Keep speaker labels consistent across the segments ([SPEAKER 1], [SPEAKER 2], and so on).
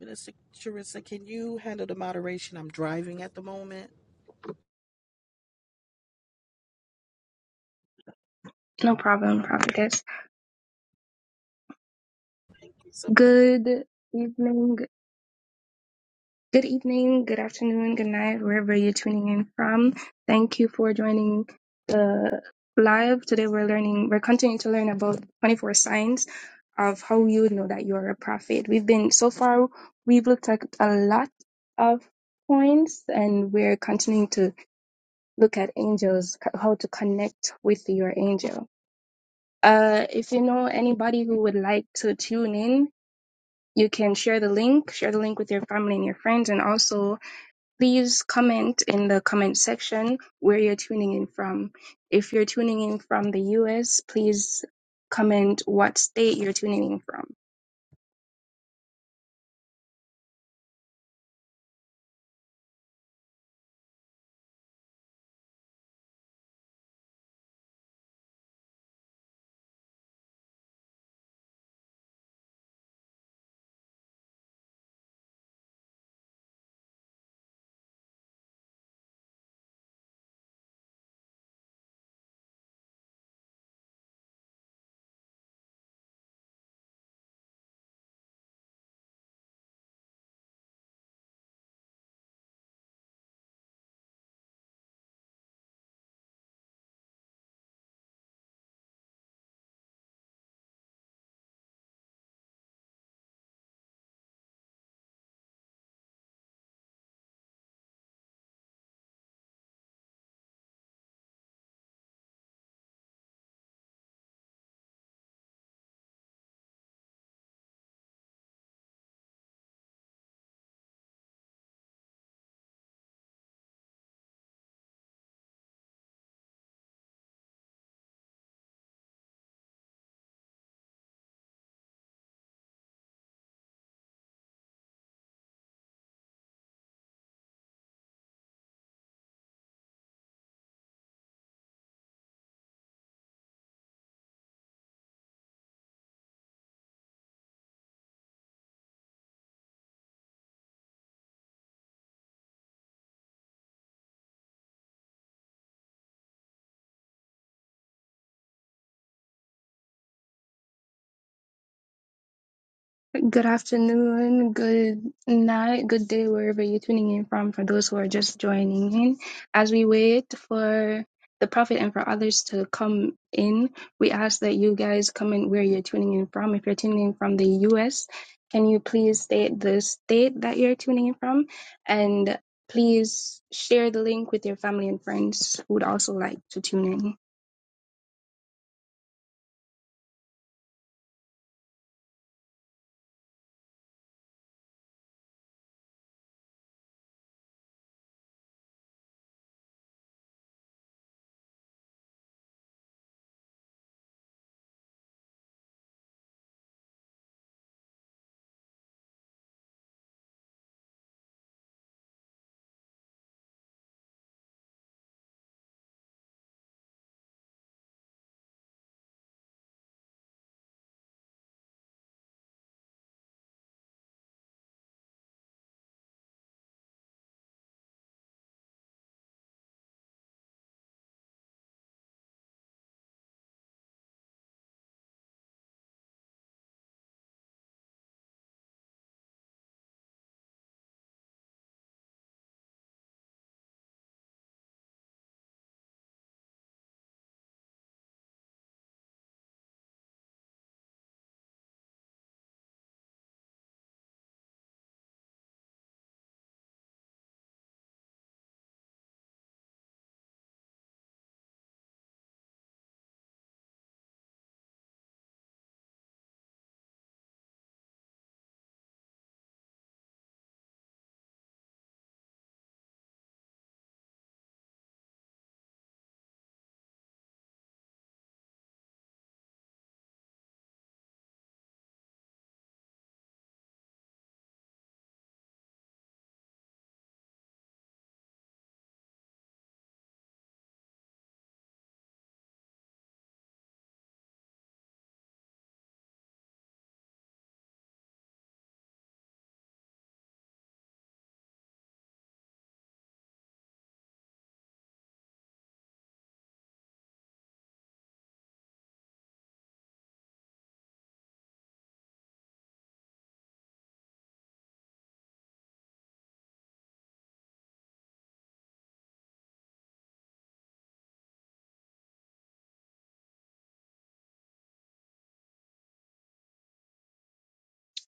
[SPEAKER 1] Minister Charissa, can you handle the moderation? I'm driving at the moment.
[SPEAKER 2] No problem, Prophetess.
[SPEAKER 1] Thank you so much.
[SPEAKER 2] Good evening. Good evening, good afternoon, good night, wherever you're tuning in from. Thank you for joining the live. Today we're learning, we're continuing to learn about 24 signs of how you would know that you're a prophet. We've been, so far, we've looked at a lot of points and we're continuing to look at angels, c- how to connect with your angel. Uh, if you know anybody who would like to tune in You can share the link, share the link with your family and your friends, and also please comment in the comment section where you're tuning in from. If you're tuning in from the US, please comment what state you're tuning in from. Good afternoon, good night, good day, wherever you're tuning in from, for those who are just joining in. As we wait for the Prophet and for others to come in, we ask that you guys comment where you're tuning in from. If you're tuning in from the US, can you please state the state that you're tuning in from? And please share the link with your family and friends who would also like to tune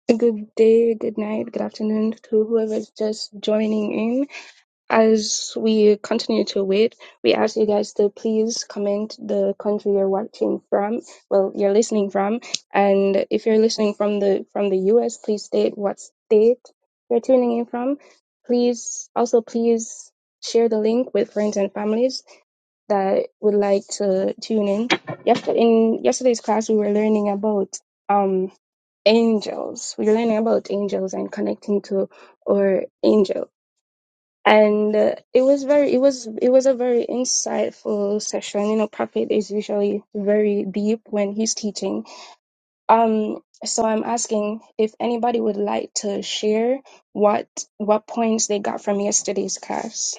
[SPEAKER 2] in. Good day, good night, good afternoon to whoever's just joining in as we continue to wait, we ask you guys to please comment the country you're watching from, well, you're listening from, and if you're listening from the from the U.S., please state what state you're tuning in from. Please also please share the link with friends and families that would like to tune in. Yesterday, in yesterday's class, we were learning about um angels. We were learning about angels and connecting to our angel and uh, it was very it was it was a very insightful session you know prophet is usually very deep when he's teaching um so i'm asking if anybody would like to share what what points they got from yesterday's class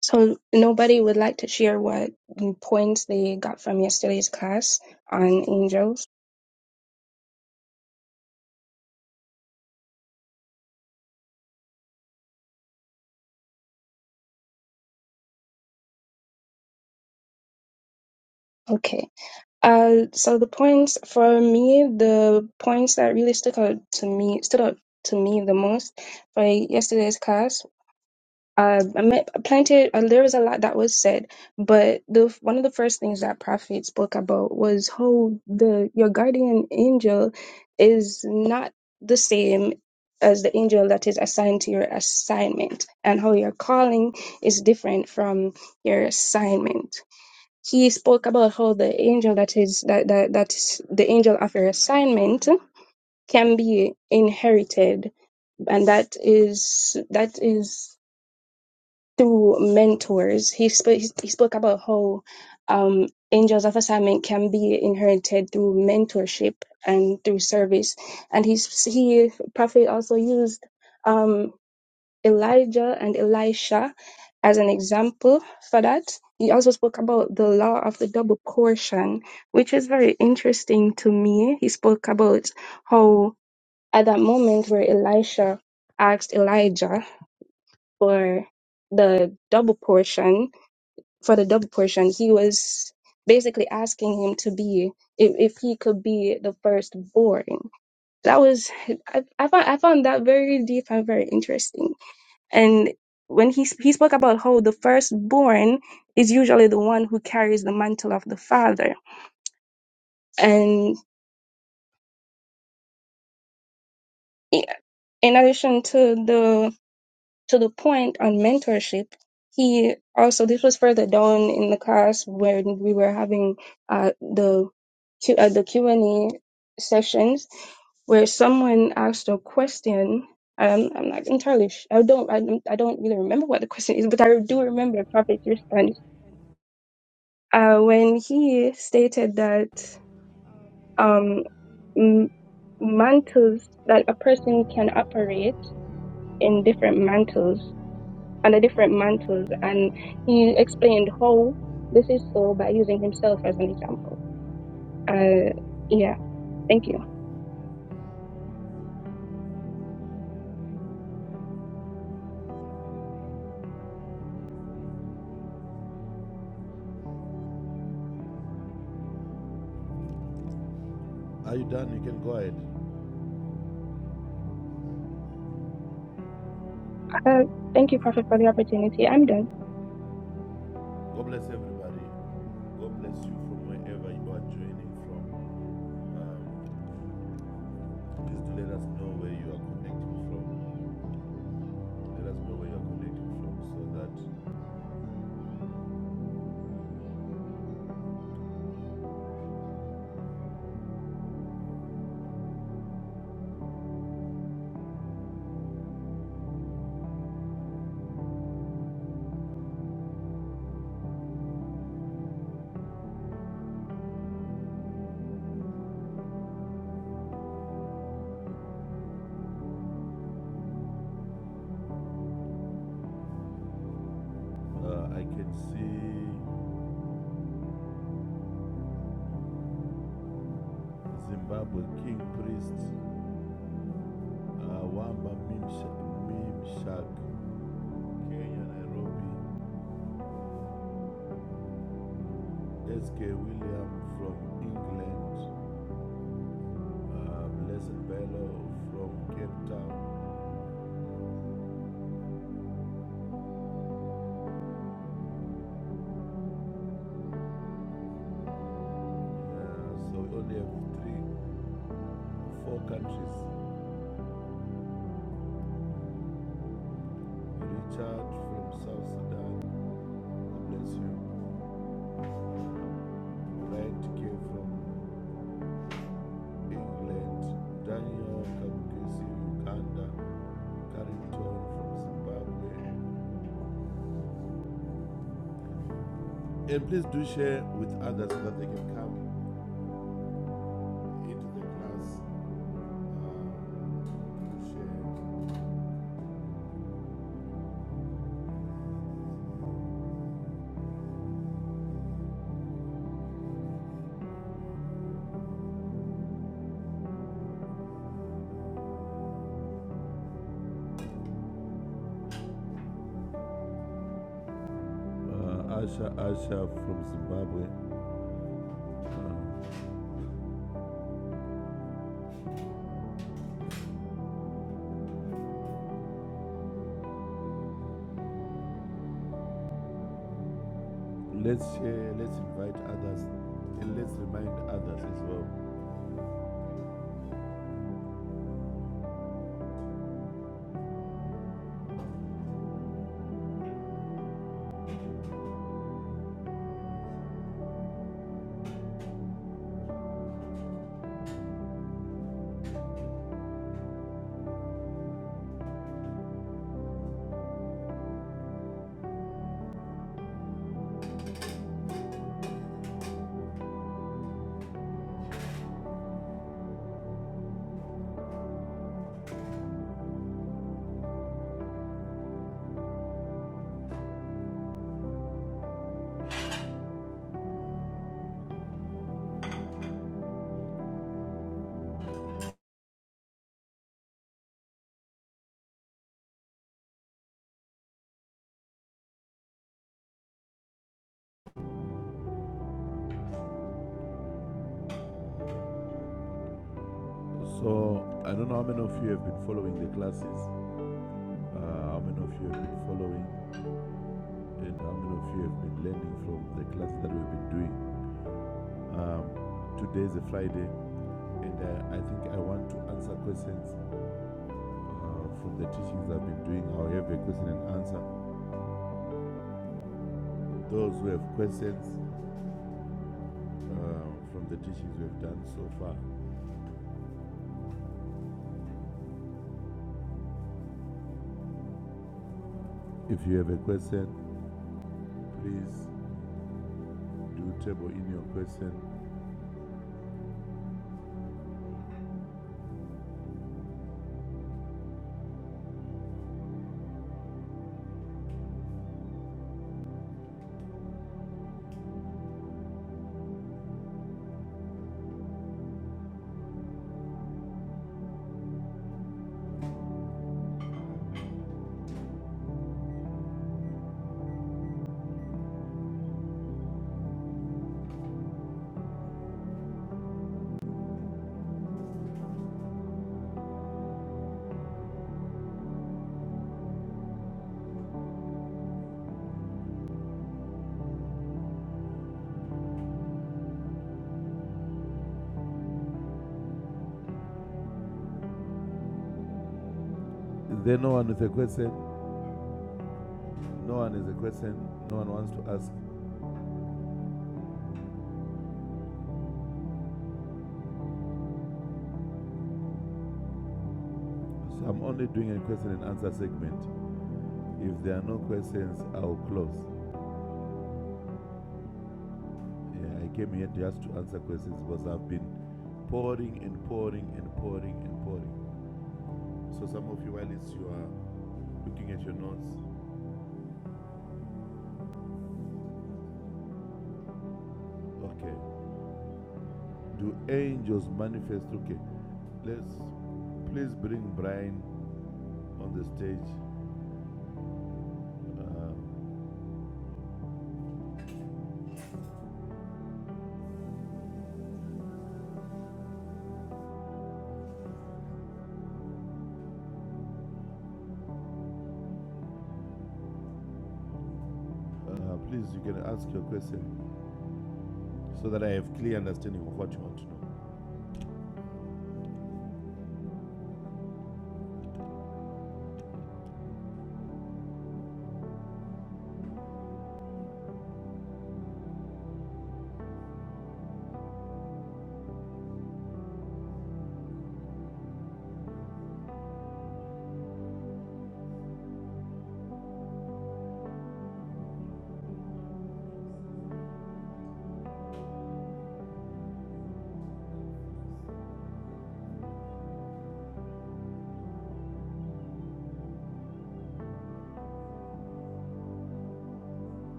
[SPEAKER 2] so nobody would like to share what points they got from yesterday's class on angels Okay. Uh, so the points for me, the points that really stuck out to me stood out to me the most for yesterday's class. Uh, I met planted. Uh, there was a lot that was said, but the one of the first things that Prophet spoke about was how the your guardian angel is not the same as the angel that is assigned to your assignment, and how your calling is different from your assignment he spoke about how the angel that is that that that's the angel of your assignment can be inherited and that is that is through mentors he spoke he spoke about how um angels of assignment can be inherited through mentorship and through service and he he prophet also used um Elijah and Elisha as an example for that. He also spoke about the law of the double portion, which is very interesting to me. He spoke about how at that moment where Elisha asked Elijah for the double portion, for the double portion, he was basically asking him to be if, if he could be the firstborn. That was I, I found I found that very deep and very interesting. And when he, he spoke about how the firstborn is usually the one who carries the mantle of the father. And i- in addition to the to the point on mentorship, he also this was further down in the class when we were having uh, the Q, uh, the Q and A sessions where someone asked a question. Um, I'm not entirely. Sh- I don't. I, don't- I don't really remember what the question is, but I do remember Prophet's response uh, when he stated that um, m- mantles that a person can operate in different mantles under different mantles, and he explained how this is so by using himself as an example. Uh, yeah, thank you.
[SPEAKER 3] Are you done? You can go ahead.
[SPEAKER 2] Uh, thank you, Prophet, for the opportunity. I'm done.
[SPEAKER 3] God bless everybody. God bless you from wherever you are joining from. Um, please do let us know where you are connecting from. Let us know where you are connecting from so that uh, I can see Zimbabwe King Priest, uh, Wamba Mimshak, Mimshak, Kenya, Nairobi, SK William from England, uh, Blessed Bello from Cape Town. Uh, so we only have three four countries. Richard from South Sudan, God bless you. Bright K from England, Daniel Kabukesi, Uganda, Carrington from Zimbabwe. And please do share with others so that they can come into the class. Uh, to share. Uh, Asha Asha from Zimbabwe. Uh, let's share, let's invite others, and let's remind others as well So I don't know how many of you have been following the classes, uh, how many of you have been following, and how many of you have been learning from the classes that we've been doing. Um, today is a Friday, and I, I think I want to answer questions uh, from the teachings I've been doing. I'll have a question and answer. Those who have questions uh, from the teachings we've done so far, if you have a question, please do table in your question. Is there no one with a question? No one is a question, no one wants to ask. So I'm only doing a question and answer segment. If there are no questions, I'll close. Yeah, I came here just to answer questions because I've been pouring and pouring and pouring and pouring. So some of you, while it's you are looking at your notes, okay. Do angels manifest? Okay, let's please bring Brian on the stage. Uh, uh, please, you can ask your question so that I have clear understanding of what you want to know.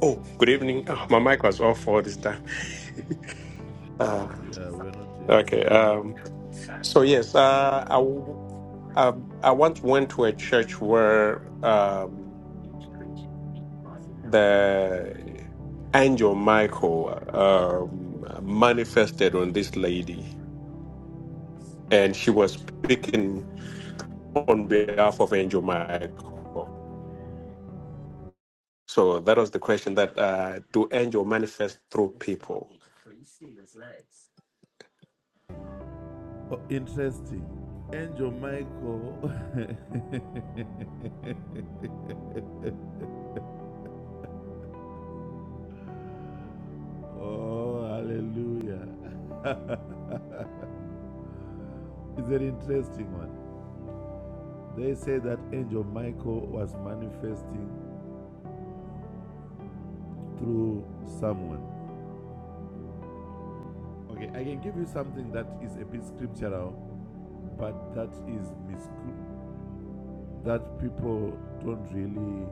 [SPEAKER 4] Oh, good evening. Oh, my mic was off all this time. Uh,
[SPEAKER 3] Yeah, we're not hearing
[SPEAKER 4] okay.
[SPEAKER 3] you.
[SPEAKER 4] Um, so yes, uh, I, w- um, I once went to a church where um, the angel Michael um, manifested on this lady, and she was speaking on behalf of Angel Michael. So that was the question: that uh, do angel manifest through people?
[SPEAKER 3] Oh, interesting. Angel Michael. oh, hallelujah. It's an interesting one. They say that Angel Michael was manifesting through someone. Okay, I can give you something that is a bit scriptural, but that is mis- that people don't really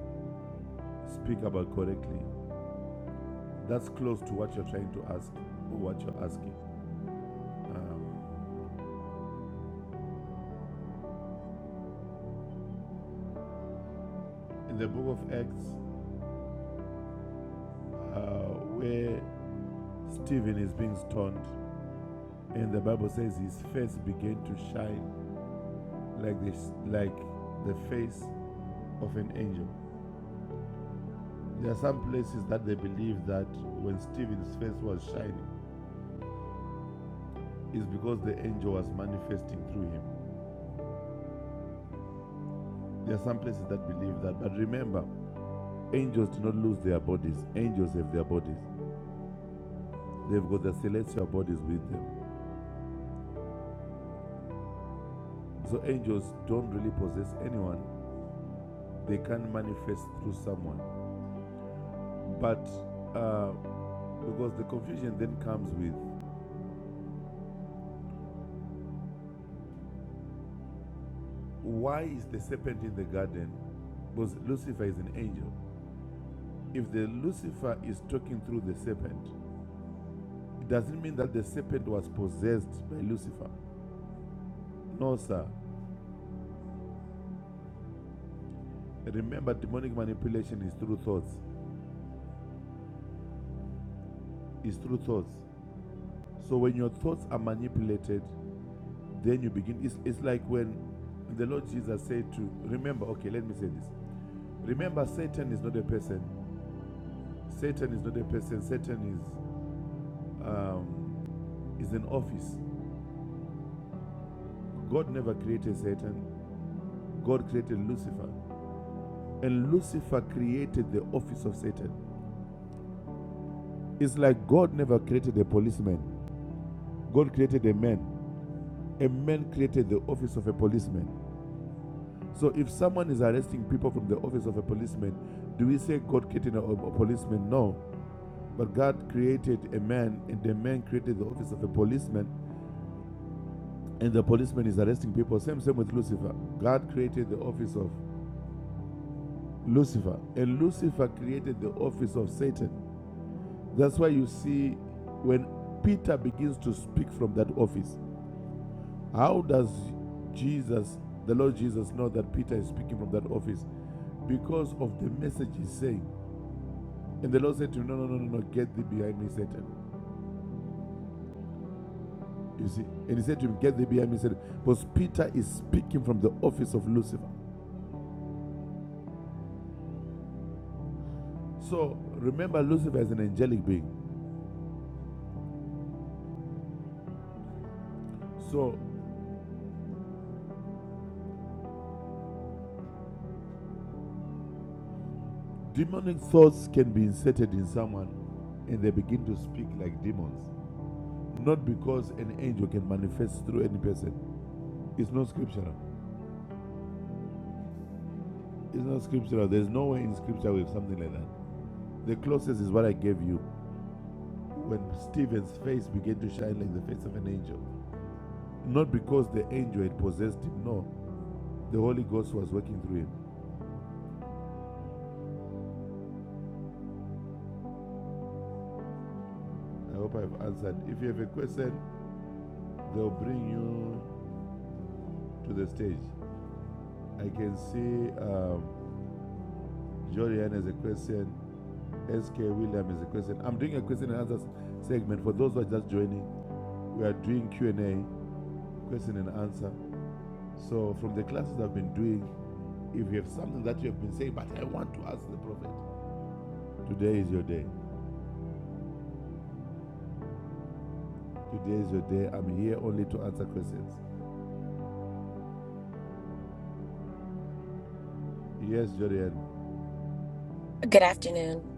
[SPEAKER 3] speak about correctly. That's close to what you're trying to ask or what you're asking. Um, in the book of Acts, uh, where Stephen is being stoned, and the Bible says his face began to shine like this, like the face of an angel. There are some places that they believe that when Stephen's face was shining, it's because the angel was manifesting through him. There are some places that believe that, but remember, angels do not lose their bodies. Angels have their bodies. They've got the celestial bodies with them. So angels don't really possess anyone. They can manifest through someone. But uh, because the confusion then comes with why is the serpent in the garden? Because Lucifer is an angel. If the Lucifer is talking through the serpent, it doesn't mean that the serpent was possessed by Lucifer. No, sir. Remember, demonic manipulation is through thoughts. Is through thoughts. So when your thoughts are manipulated, then you begin. It's, it's like when the Lord Jesus said to remember. Okay, let me say this. Remember, Satan is not a person. Satan is not a person. Satan is um, is an office. God never created Satan. God created Lucifer, and Lucifer created the office of Satan. It's like God never created a policeman. God created a man. A man created the office of a policeman. So if someone is arresting people from the office of a policeman, do we say God created a, a policeman? No. But God created a man, and the man created the office of a policeman and the policeman is arresting people. Same, same with Lucifer. God created the office of Lucifer, and Lucifer created the office of Satan. That's why you see when Peter begins to speak from that office, how does Jesus, the Lord Jesus, know that Peter is speaking from that office? Because of the message he's saying. And the Lord said to him, No, no, no, no, no, get thee behind me, Satan. You see? And he said to him, Get thee behind me, Satan. Because Peter is speaking from the office of Lucifer. So remember, Lucifer is an angelic being. So, demonic thoughts can be inserted in someone and they begin to speak like demons. Not because an angel can manifest through any person. It's not scriptural. It's not scriptural. There's no way in scripture with something like that. The closest is what I gave you when Stephen's face began to shine like the face of an angel. Not because the angel had possessed him, no. The Holy Ghost was working through him. I hope I've answered. If you have a question, they'll bring you to the stage. I can see. Um, Jorian is a question. SK William is a question. I'm doing a question and answer segment for those who are just joining. We are doing Q and A, question and answer. So from the classes I've been doing, if you have something that you have been saying, but I want to ask the prophet, today is your day. Today is your day. I'm here only to answer questions. Yes, Jorian.
[SPEAKER 5] Good afternoon.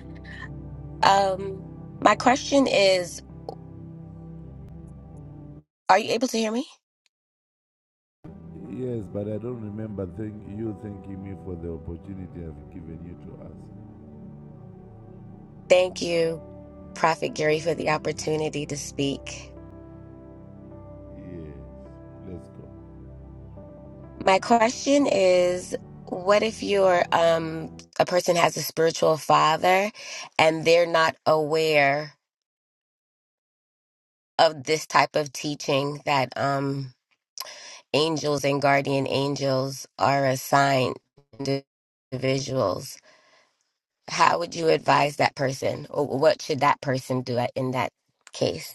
[SPEAKER 5] Um, my question is, are you able to hear me?
[SPEAKER 3] Yes, but I don't remember thank you thanking me for the opportunity I've given you to
[SPEAKER 5] Thank you, Prophet Gary, for the
[SPEAKER 3] ask.
[SPEAKER 5] opportunity to speak.
[SPEAKER 3] Yes, let's go.
[SPEAKER 5] My question is, what if you're um a person has a spiritual father and they're not aware of this type of teaching that um angels and guardian angels are assigned to individuals? How would you advise that person, or what should that person do in that case?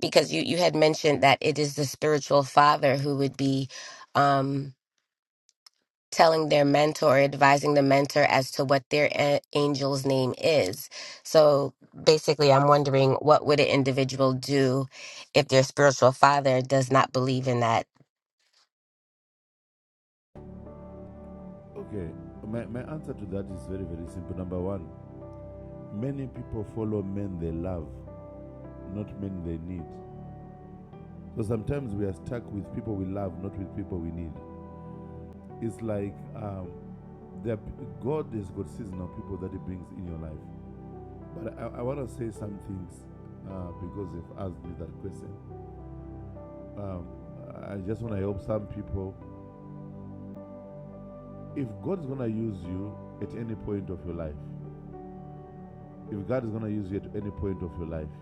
[SPEAKER 5] because you you had mentioned that it is the spiritual father who would be um telling their mentor or advising the mentor as to what their a- angel's name is so basically i'm wondering what would an individual do if their spiritual father does not believe in that
[SPEAKER 3] Okay, my, my answer to that is very, very simple. Number one, many people follow men they love, not men they need. So sometimes we are stuck with people we love, not with people we need. It's like um, there are p- God has got seasonal people that He brings in your life. But I, I want to say some things uh, because they have asked me that question. Um, I just want to help some people. If God is going to use you at any point of your life, if God is going to use you at any point of your life,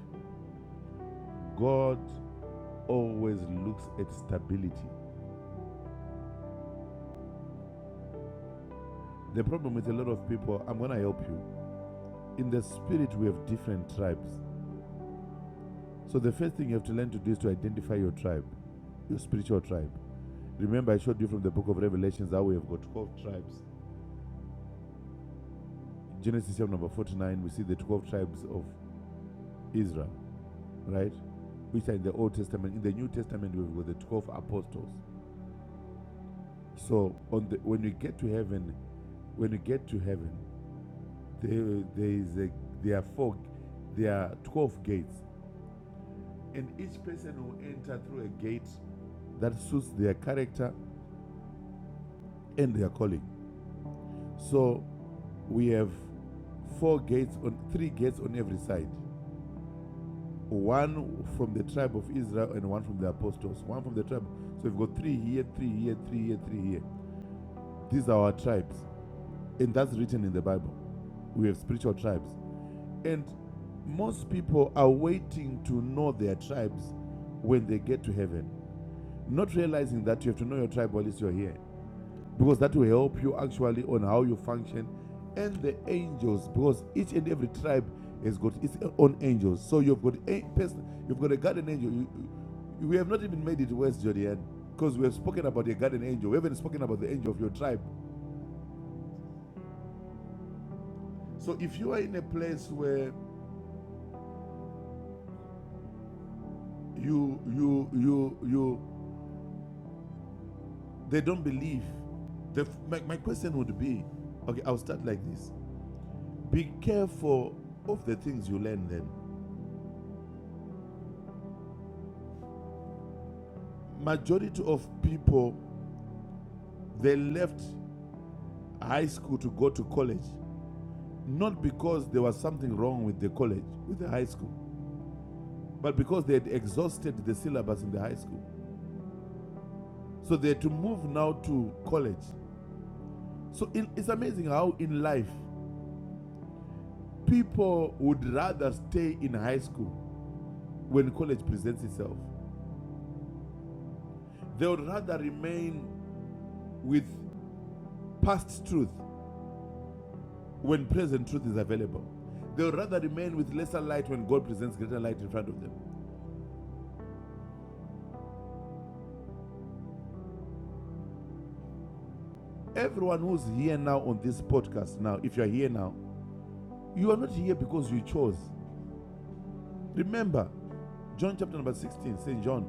[SPEAKER 3] God always looks at stability. The problem with a lot of people, I'm going to help you. In the spirit, we have different tribes. So the first thing you have to learn to do is to identify your tribe, your spiritual tribe. Remember, I showed you from the book of Revelations how we have got 12 tribes. In Genesis chapter number 49, we see the 12 tribes of Israel, right? Which are in the Old Testament. In the New Testament, we've got the 12 apostles. So on the, when you get to heaven, when you get to heaven, There, there is a, there are four, there are twelve gates, and each person will enter through a gate that suits their character and their calling. So we have four gates on three gates on every side. One from the tribe of Israel and one from the apostles. One from the tribe. So we've got three here, three here, three here, three here. These are our tribes, and that's written in the Bible. We have spiritual tribes. And most people are waiting to know their tribes when they get to heaven, not realizing that you have to know your tribe while you're here, because that will help you actually on how you function and the angels, because each and every tribe has got its own angels. So you've got a person, you've got a guardian angel. You, you- we have not even made it worse, Jodian, because we have spoken about the guardian angel. We haven't spoken about the angel of your tribe. So if you are in a place where you you you you They don't believe. The, my, my question would be okay, I'll start like this. Be careful of the things you learn then. Majority of people, they left high school to go to college, not because there was something wrong with the college, with the high school, but because they had exhausted the syllabus in the high school. So they had to move now to college. So in, it's amazing how in life, people would rather stay in high school when college presents itself They would rather remain with past truth when present truth is available. They would rather remain with lesser light when God presents greater light in front of them. Everyone who's here now on this podcast now, if you're here now, you are not here because you chose. Remember, John chapter number 16, St. John,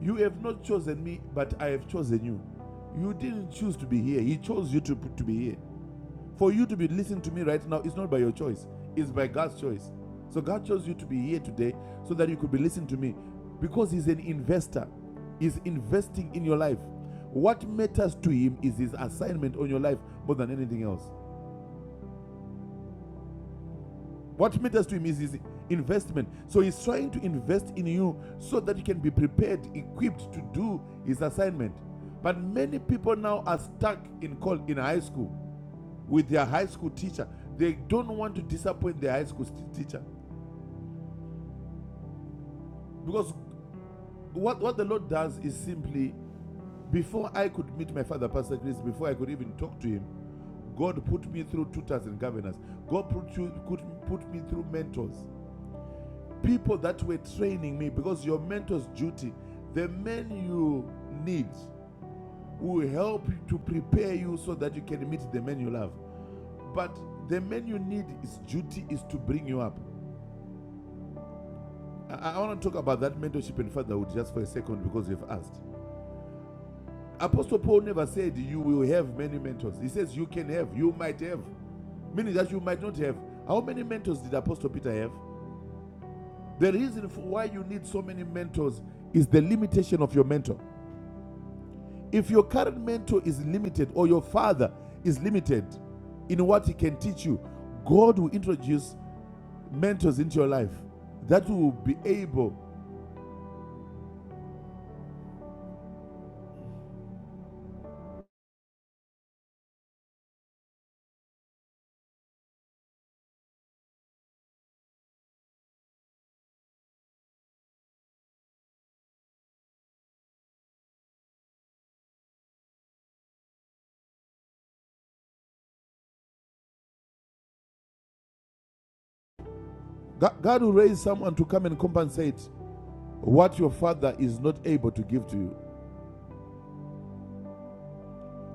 [SPEAKER 3] you have not chosen me, but I have chosen you. You didn't choose to be here. He chose you to, to be here. For you to be listening to me right now is not by your choice, it's by God's choice. So God chose you to be here today so that you could be listening to me because He's an investor, He's investing in your life. What matters to Him is His assignment on your life more than anything else. What matters to Him is His investment. So He's trying to invest in you so that you can be prepared, equipped to do His assignment. But many people now are stuck in, col- in high school with their high school teacher. They don't want to disappoint their high school teacher. Because what, what the Lord does is simply, before I could meet my father, Pastor Chris, before I could even talk to him, God put me through tutors and governors. God put, you, could put me through mentors. People that were training me, because your mentor's duty, the men you need will help to prepare you so that you can meet the men you love. But the men you need is duty is to bring you up. I, I want to talk about that mentorship and fatherhood just for a second because you've asked. Apostle Paul never said you will have many mentors. He says you can have, you might have, meaning that you might not have. How many mentors did Apostle Peter have? The reason for why you need so many mentors is the limitation of your mentor. If your current mentor is limited or your father is limited in what he can teach you, God will introduce mentors into your life that will be able, God will raise someone to come and compensate what your father is not able to give to you.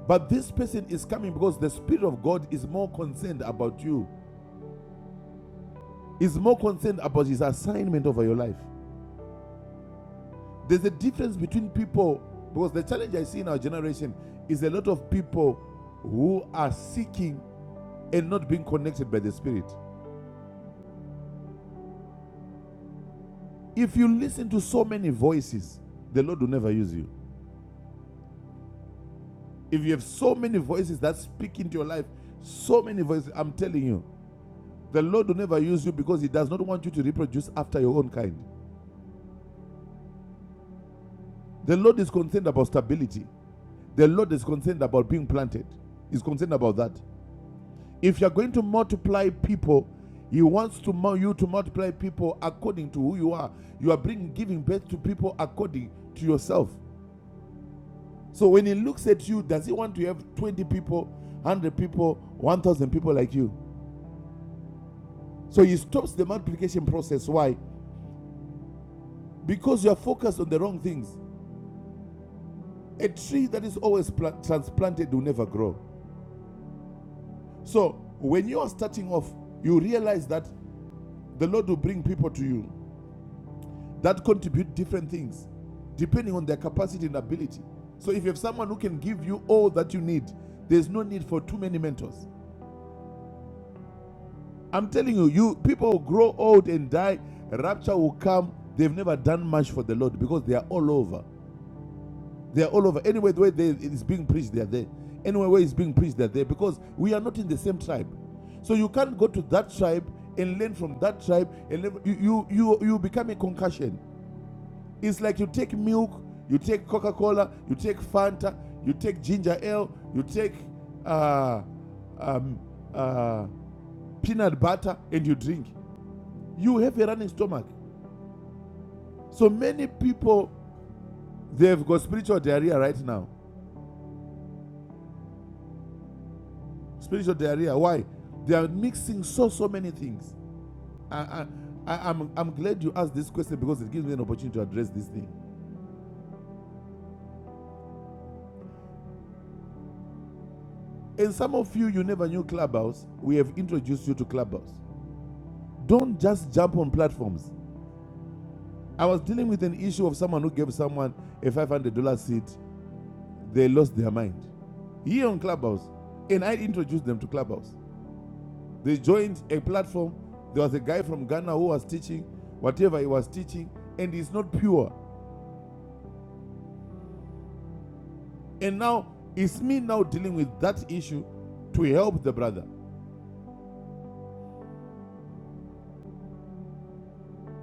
[SPEAKER 3] But this person is coming because the Spirit of God is more concerned about you, is more concerned about his assignment over your life. There's a difference between people, because the challenge I see in our generation is a lot of people who are seeking and not being connected by the Spirit. If you listen to so many voices, the Lord will never use you. If you have so many voices that speak into your life, so many voices, I'm telling you, The Lord will never use you because He does not want you to reproduce after your own kind. The Lord is concerned about stability. The Lord is concerned about being planted. He's concerned about that. If you're going to multiply people, He wants to you to multiply people according to who you are. You are bringing giving birth to people according to yourself. So when He looks at you, does He want to have 20 people, 100 people, 1,000 people like you? So He stops the multiplication process. Why? Because you are focused on the wrong things. A tree that is always pla- transplanted will never grow. So when you are starting off, you realize that the Lord will bring people to you that contribute different things depending on their capacity and ability. So if you have someone who can give you all that you need, there's no need for too many mentors. I'm telling you, you people will grow old and die, rapture will come. They've never done much for the Lord because they are all over. They are all over. Anywhere the way they, it is being preached, they are there. Anywhere where it's being preached, they are there because we are not in the same tribe. So you can't go to that tribe and learn from that tribe and learn, you, you you you become a concussion. It's like you take milk, you take Coca Cola, you take Fanta, you take ginger ale, you take uh, um, uh, peanut butter, and you drink. You have a running stomach. So many people they've got spiritual diarrhea right now spiritual diarrhea. Why? They are mixing so so many things. I, I, I, am I'm glad you asked this question because it gives me an opportunity to address this thing. And some of you, you never knew Clubhouse. We have introduced you to Clubhouse. Don't just jump on platforms. I was dealing with an issue of someone who gave someone a $500 seat. They lost their mind here on Clubhouse, and I introduced them to Clubhouse. They joined a platform. There was a guy from Ghana who was teaching whatever he was teaching, and it's not pure. And now it's me now dealing with that issue to help the brother.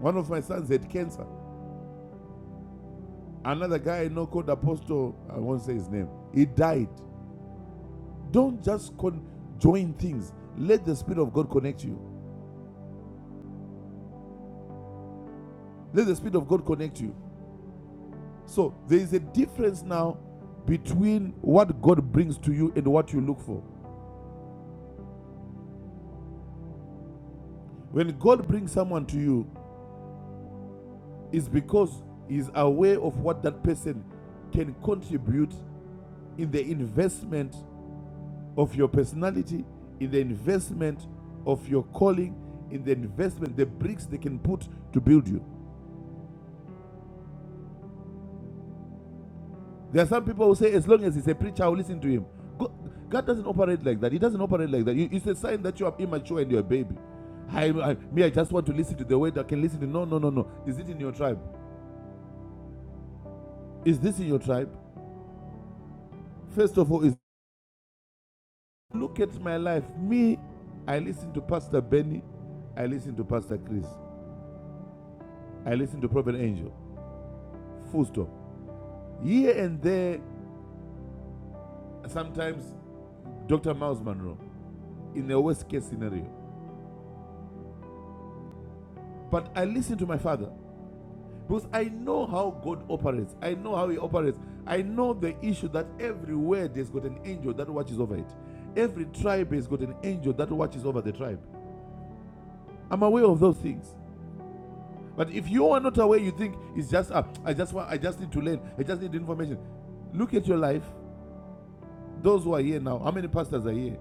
[SPEAKER 3] One of my sons had cancer. Another guy I know called Apostle, I won't say his name, he died. Don't just con- join things. Let the Spirit of God connect you. Let the Spirit of God connect you. So there is a difference now between what God brings to you and what you look for. When God brings someone to you, it's because He's aware of what that person can contribute in the investment of your personality, in the investment of your calling, in the investment, the bricks they can put to build you. There are some people who say, as long as he's a preacher, I'll listen to him. God doesn't operate like that. He doesn't operate like that. It's a sign that you are immature and you're a baby. I, I, me, I just want to listen to the word. I can listen to. No, no, no, no. Is it in your tribe? Is this in your tribe? First of all, is look at my life. Me, I listen to Pastor Benny. I listen to Pastor Chris. I listen to Prophet Angel. Full stop. Here and there, sometimes Dr. Miles Monroe, in the worst case scenario. But I listen to my father because I know how God operates. I know how He operates. I know the issue that everywhere there's got an angel that watches over it. Every tribe has got an angel that watches over the tribe. I'm aware of those things. But if you are not aware, you think it's just up. Uh, I just want. I just need to learn. I just need information. Look at your life. Those who are here now, how many pastors are here?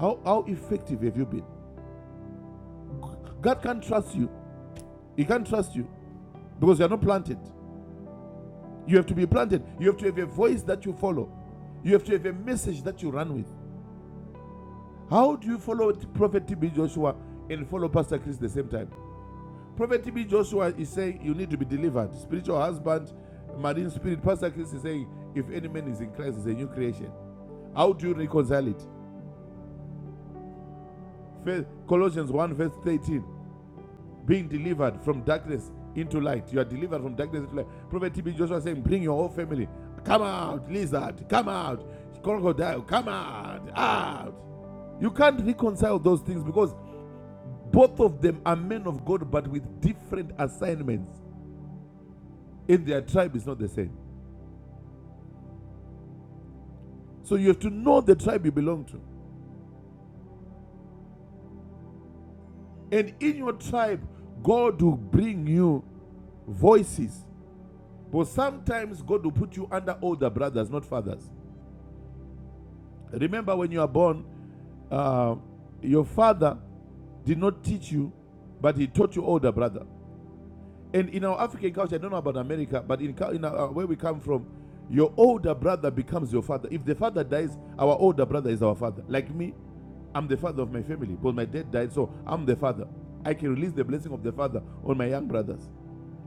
[SPEAKER 3] How how effective have you been? God can't trust you He can't trust you because you are not planted. You have to be planted. You have to have a voice that you follow. You have to have a message that you run with. How do you follow Prophet TB Joshua and follow Pastor Chris at the same time? Prophet TB Joshua is saying you need to be delivered. Spiritual husband, marine spirit. Pastor Chris is saying if any man is in Christ, is a new creation. How do you reconcile it? Colossians 1, verse 13. being delivered from darkness into light. You are delivered from darkness into light. Prophet TB Joshua saying, Bring your whole family. Come out, lizard. Come out, crocodile. Come out, out. You can't reconcile those things because both of them are men of God, but with different assignments. And their tribe is not the same. So you have to know the tribe you belong to. And in your tribe, God will bring you voices. But sometimes God will put you under older brothers, not fathers. Remember when you are born, uh, your father did not teach you, but he taught your older brother. And in our African culture, I don't know about America, but in, in our, where we come from, your older brother becomes your father. If the father dies, our older brother is our father. Like me, I'm the father of my family, but my dad died, so I'm the father. I can release the blessing of the father on my young brothers.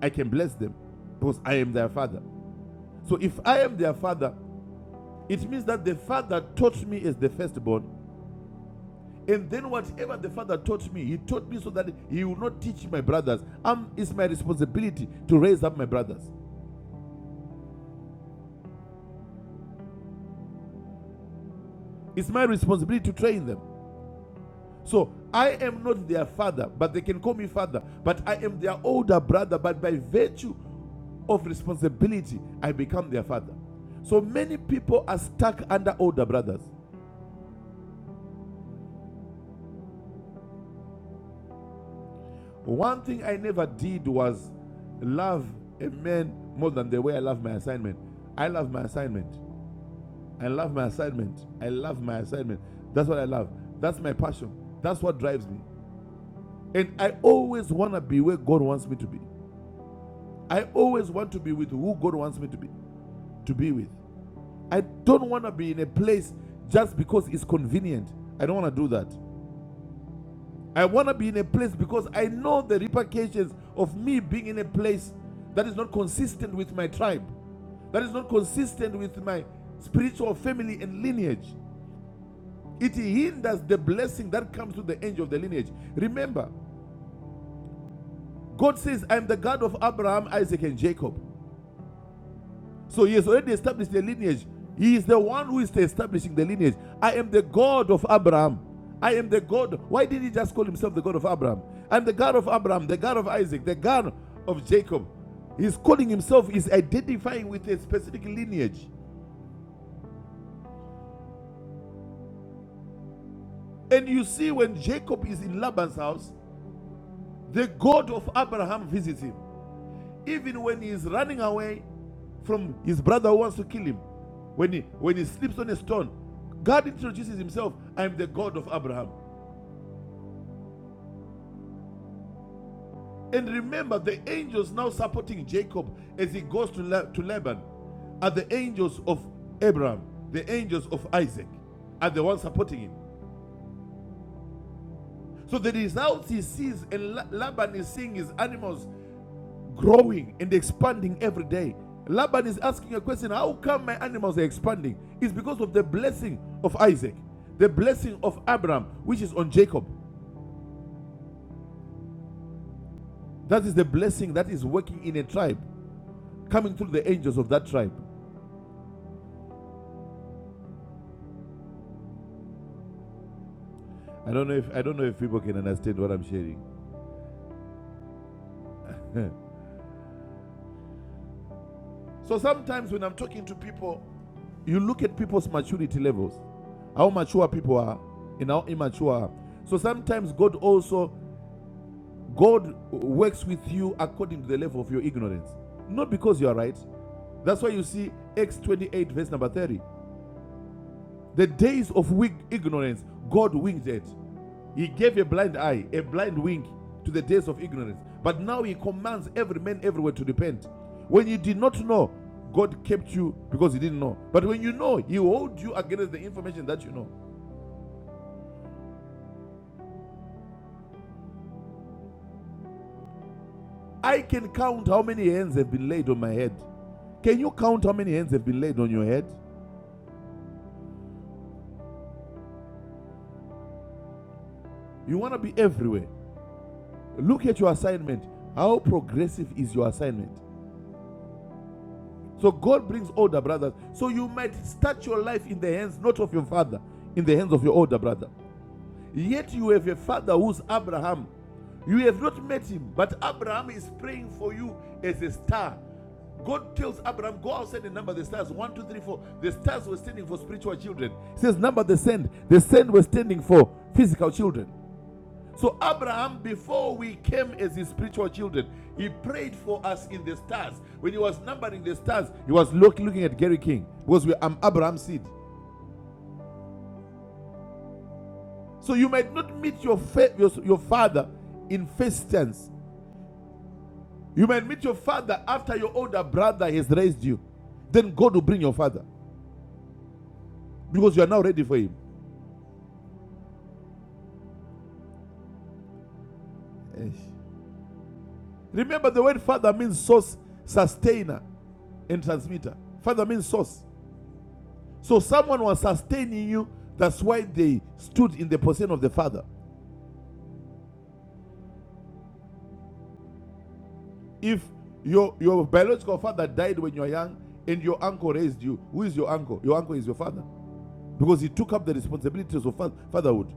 [SPEAKER 3] I can bless them because I am their father. So if I am their father, it means that the father taught me as the firstborn And then whatever the father taught me, he taught me so that he will not teach my brothers. Um, it's my responsibility to raise up my brothers. It's my responsibility to train them. So I am not their father, but they can call me father. But I am their older brother, but by virtue of responsibility, I become their father. So many people are stuck under older brothers. One thing I never did was love a man more than the way I love my assignment. I love my assignment. I love my assignment. I love my assignment. That's what I love. That's my passion. That's what drives me. And I always want to be where God wants me to be. I always want to be with who God wants me to be to be with. I don't want to be in a place just because it's convenient. I don't want to do that. I want to be in a place because I know the repercussions of me being in a place that is not consistent with my tribe, that is not consistent with my spiritual family and lineage. It hinders the blessing that comes to the angel of the lineage. Remember, God says, I'm the God of Abraham, Isaac, and Jacob. So he has already established the lineage. He is the one who is establishing the lineage. I am the God of Abraham. I am the God. Why did he just call himself the God of Abraham? I'm the God of Abraham, the God of Isaac, the God of Jacob. He's calling himself, he's identifying with a specific lineage. And you see, when Jacob is in Laban's house, the God of Abraham visits him. Even when he is running away from his brother who wants to kill him, when he, when he sleeps on a stone, God introduces himself, I am the God of Abraham. And remember, the angels now supporting Jacob as he goes to, La- to Laban are the angels of Abraham, the angels of Isaac, are the ones supporting him. So the results he sees, and La- Laban is seeing his animals growing and expanding every day. Laban is asking a question How come my animals are expanding? It's because of the blessing of Isaac, the blessing of Abraham, which is on Jacob. That is the blessing that is working in a tribe, coming through the angels of that tribe. I don't know if I don't know if people can understand what I'm sharing. so sometimes when I'm talking to people, you look at people's maturity levels, how mature people are, and how immature. are. So sometimes God also God works with you according to the level of your ignorance, not because you are right. That's why you see Acts 28, verse number 30. The days of weak ignorance, God winged it. He gave a blind eye, a blind wink to the days of ignorance. But now He commands every man everywhere to repent. When you did not know, God kept you because He didn't know. But when you know, He holds you against the information that you know. I can count how many hands have been laid on my head. Can you count how many hands have been laid on your head? You want to be everywhere. Look at your assignment. How progressive is your assignment? So God brings older brothers. So you might start your life in the hands not of your father, in the hands of your older brother. Yet you have a father who's Abraham. You have not met him, but Abraham is praying for you as a star. God tells Abraham, Go outside and number the stars. One, two, three, four. The stars were standing for spiritual children. He says, Number the sand. The sand was standing for physical children. So Abraham, before we came as his spiritual children, he prayed for us in the stars. When he was numbering the stars, he was look, looking at Gary King because we, are Abraham's seed. So you might not meet your fa- your, your father in first tense. You might meet your father after your older brother has raised you. Then God will bring your father because you are now ready for him. Yes. Remember, the word father means source, sustainer, and transmitter. Father means source. So someone was sustaining you. That's why they stood in the position of the father. If your your biological father died when you were young and your uncle raised you, who is your uncle? Your uncle is your father because he took up the responsibilities of fatherhood.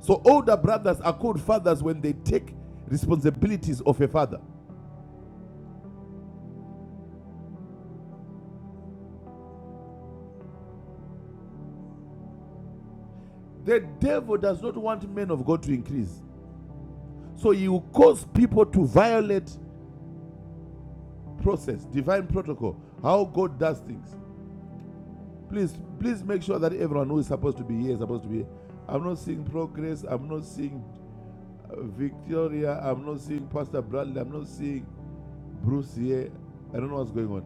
[SPEAKER 3] So older brothers are called fathers when they take responsibilities of a father. The devil does not want men of God to increase. So he will cause people to violate process, divine protocol, how God does things. Please, please make sure that everyone who is supposed to be here is supposed to be here. I'm not seeing progress. I'm not seeing uh, Victoria. I'm not seeing Pastor Bradley. I'm not seeing Bruce here. I don't know what's going on.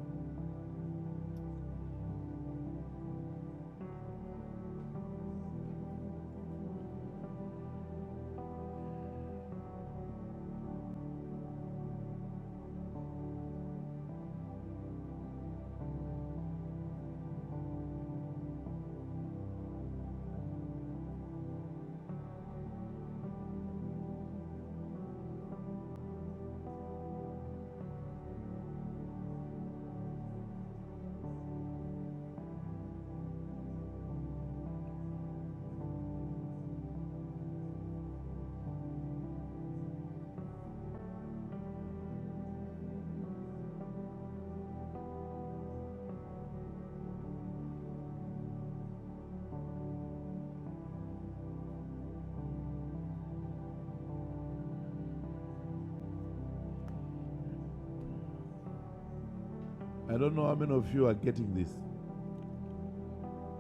[SPEAKER 3] I don't know how many of you are getting this.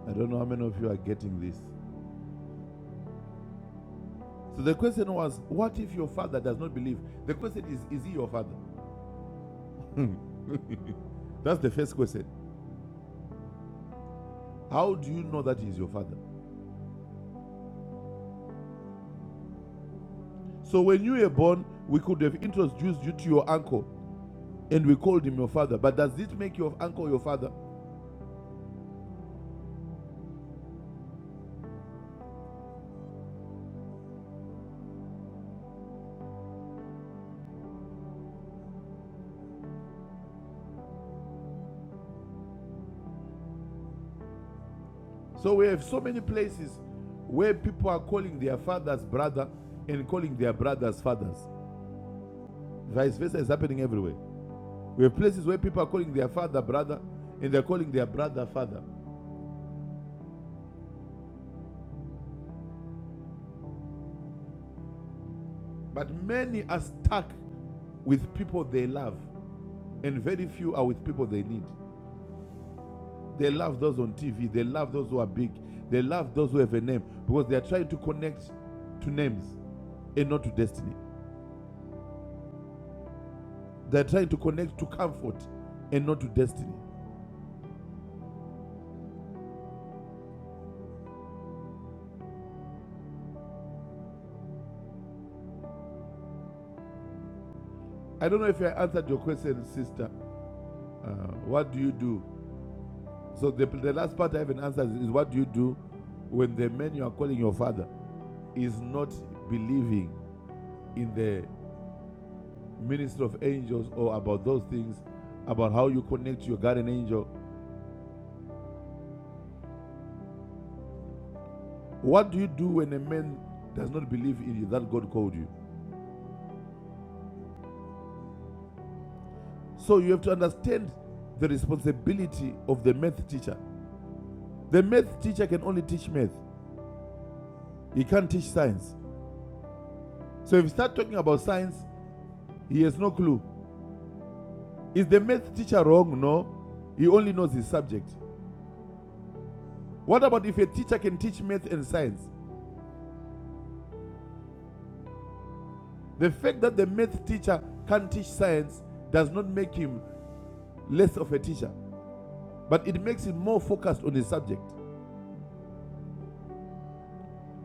[SPEAKER 3] I don't know how many of you are getting this. So the question was, what if your father does not believe? The question is, is he your father? That's the first question. How do you know that he's your father? So when you were born, we could have introduced you to your uncle and we called him your father. But does it make your uncle your father? So we have so many places where people are calling their fathers brother and calling their brothers fathers. Vice versa is happening everywhere. We have places where people are calling their father brother and they're calling their brother father. But many are stuck with people they love, and very few are with people they need. They love those on TV, they love those who are big, they love those who have a name because they are trying to connect to names and not to destiny. They're trying to connect to comfort and not to destiny. I don't know if I answered your question, sister. Uh, what do you do? So the, the last part I haven't answered is what do you do when the man you are calling your father is not believing in the ministry of angels or about those things, about how you connect to your guardian angel? What do you do when a man does not believe in you that God called you? So you have to understand the responsibility of the math teacher. The math teacher can only teach math. He can't teach science. So if you start talking about science, he has no clue. Is the math teacher wrong? No. He only knows his subject. What about if a teacher can teach math and science? The fact that the math teacher can't teach science does not make him less of a teacher, but it makes him more focused on his subject.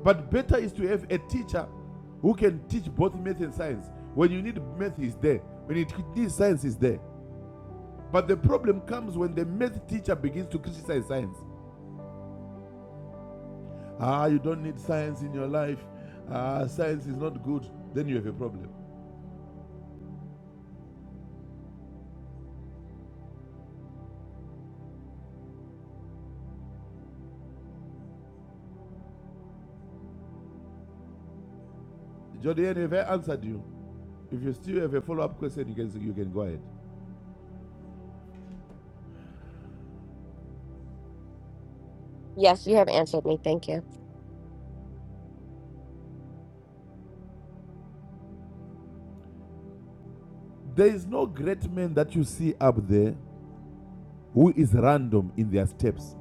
[SPEAKER 3] But better is to have a teacher who can teach both math and science. When you need math, he's there. When you need science, he's there. But the problem comes when the math teacher begins to criticize science. Ah, you don't need science in your life. Ah, science is not good. Then you have a problem. Jordan, have I answered you? If you still have a follow-up question, you can you can go ahead.
[SPEAKER 5] yes you have answered me thank you
[SPEAKER 3] There is no great man that you see up there who is random in their steps.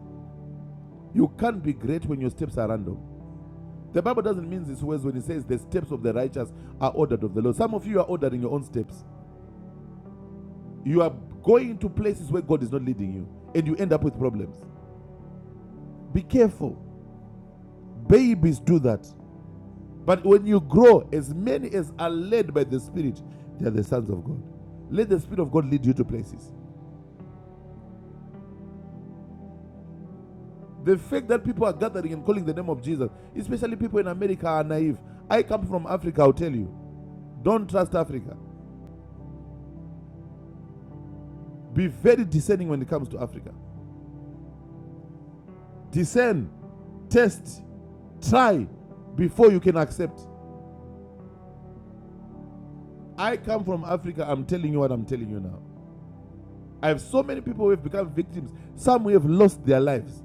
[SPEAKER 3] You can't be great when your steps are random. The Bible doesn't mean this words when it says the steps of the righteous are ordered of the Lord. Some of you are ordering your own steps. You are going to places where God is not leading you, and you end up with problems. Be careful. Babies do that. But when you grow, as many as are led by the Spirit, they are the sons of God. Let the Spirit of God lead you to places. The fact that people are gathering and calling the name of Jesus, especially people in America, are naive. I come from Africa, I'll tell you. Don't trust Africa. Be very discerning when it comes to Africa. Discern, test, try before you can accept. I come from Africa, I'm telling you what I'm telling you now. I have so many people who have become victims, some who have lost their lives.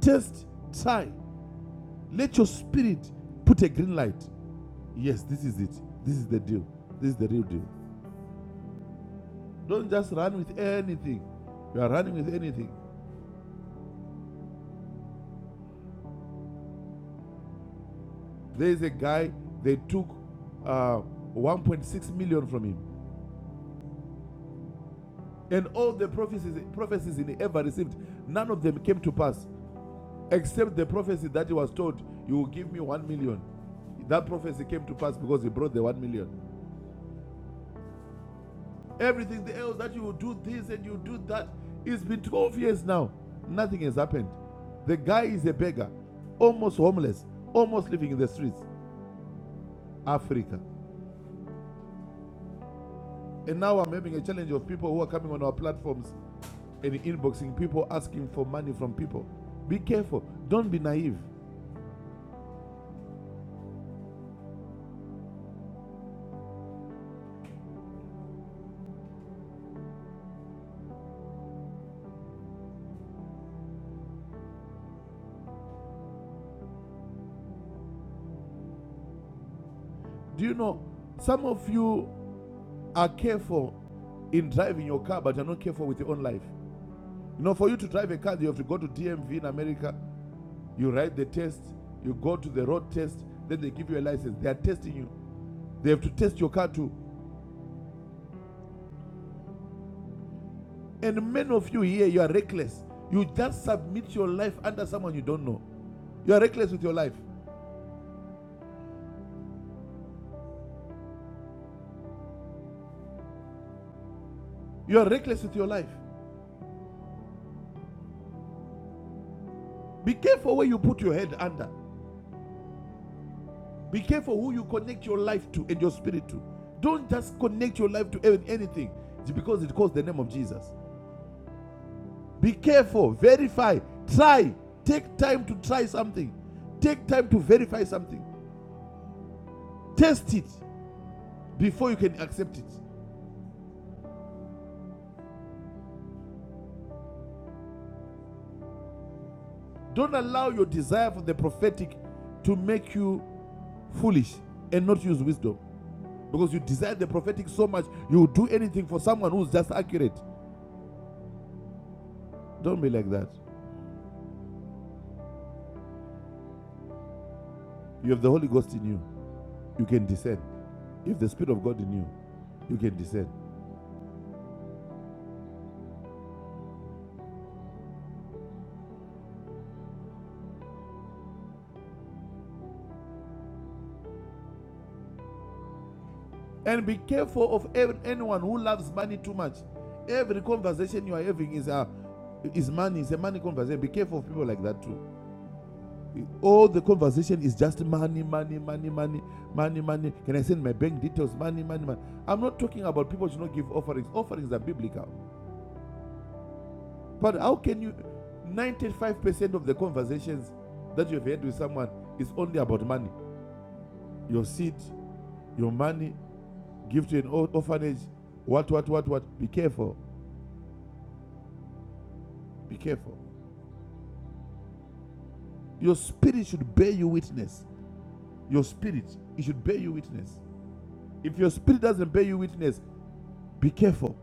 [SPEAKER 3] Test, try Let your spirit put a green light. Yes, this is it. This is the deal. This is the real deal. Don't just run with anything. You are running with anything. There is a guy, they took uh, 1.6 million from him. And all the prophecies, prophecies he ever received, none of them came to pass except the prophecy that he was told, You will give me 1 million. That prophecy came to pass because he brought the 1 million. Everything else that you will do this and you do that. It's been 12 years now. Nothing has happened. The guy is a beggar, almost homeless, almost living in the streets, Africa. And now I'm having a challenge of people who are coming on our platforms and inboxing people asking for money from people. Be careful. Don't be naive. Do you know some of you are careful in driving your car, but you're not careful with your own life? You know, for you to drive a car, you have to go to DMV in America You write the test, you go to the road test, then they give you a license. They are testing you. They have to test your car too. And many of you here, you are reckless. You just submit your life under someone you don't know. You are reckless with your life. You are reckless with your life. Be careful where you put your head under. Be careful who you connect your life to and your spirit to. Don't just connect your life to anything because it calls the name of Jesus. Be careful, verify, try. Take time to try something. Take time to verify something. Test it before you can accept it. Don't allow your desire for the prophetic to make you foolish and not use wisdom. Because you desire the prophetic so much, you will do anything for someone who's just accurate. Don't be like that. You have the Holy Ghost in you, you can discern. You have the Spirit of God in you, you can discern. And be careful of anyone who loves money too much. Every conversation you are having is a is money, it's a money conversation. Be careful of people like that too. All the conversation is just money, money, money, money, money, money. Can I send my bank details? Money, money, money. I'm not talking about people should not give offerings. Offerings are biblical. But how can you? 95% of the conversations that you've had with someone is only about money. Your seed, your money, give to an orphanage, what, what, what, what. Be careful. Be careful. Your spirit should bear you witness. Your spirit, it should bear you witness. If your spirit doesn't bear you witness, be careful.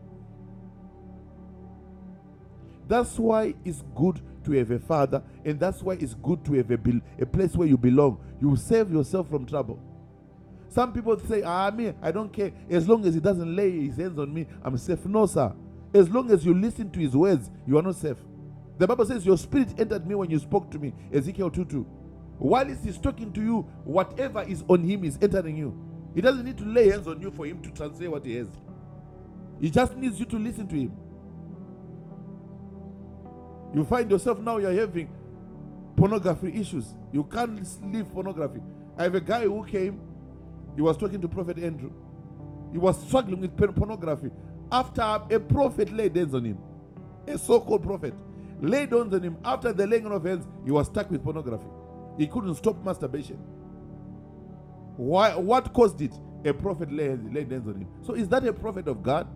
[SPEAKER 3] That's why it's good to have a father, and that's why it's good to have a, bel- a place where you belong. You save yourself from trouble. Some people say, Ah, me, I don't care. As long as he doesn't lay his hands on me, I'm safe. No, sir. As long as you listen to his words, you are not safe. The Bible says, Your spirit entered me when you spoke to me. Ezekiel 2 2. While he's talking to you, whatever is on him is entering you. He doesn't need to lay hands on you for him to translate what he has. He just needs you to listen to him. You find yourself now you're having pornography issues. You can't leave pornography. I have a guy who came, he was talking to Prophet Andrew. He was struggling with porn- pornography after a prophet laid hands on him. A so called prophet laid hands on him. After the laying on of hands, he was stuck with pornography. He couldn't stop masturbation. Why? What caused it? A prophet laid, laid hands on him. So, is that a prophet of God?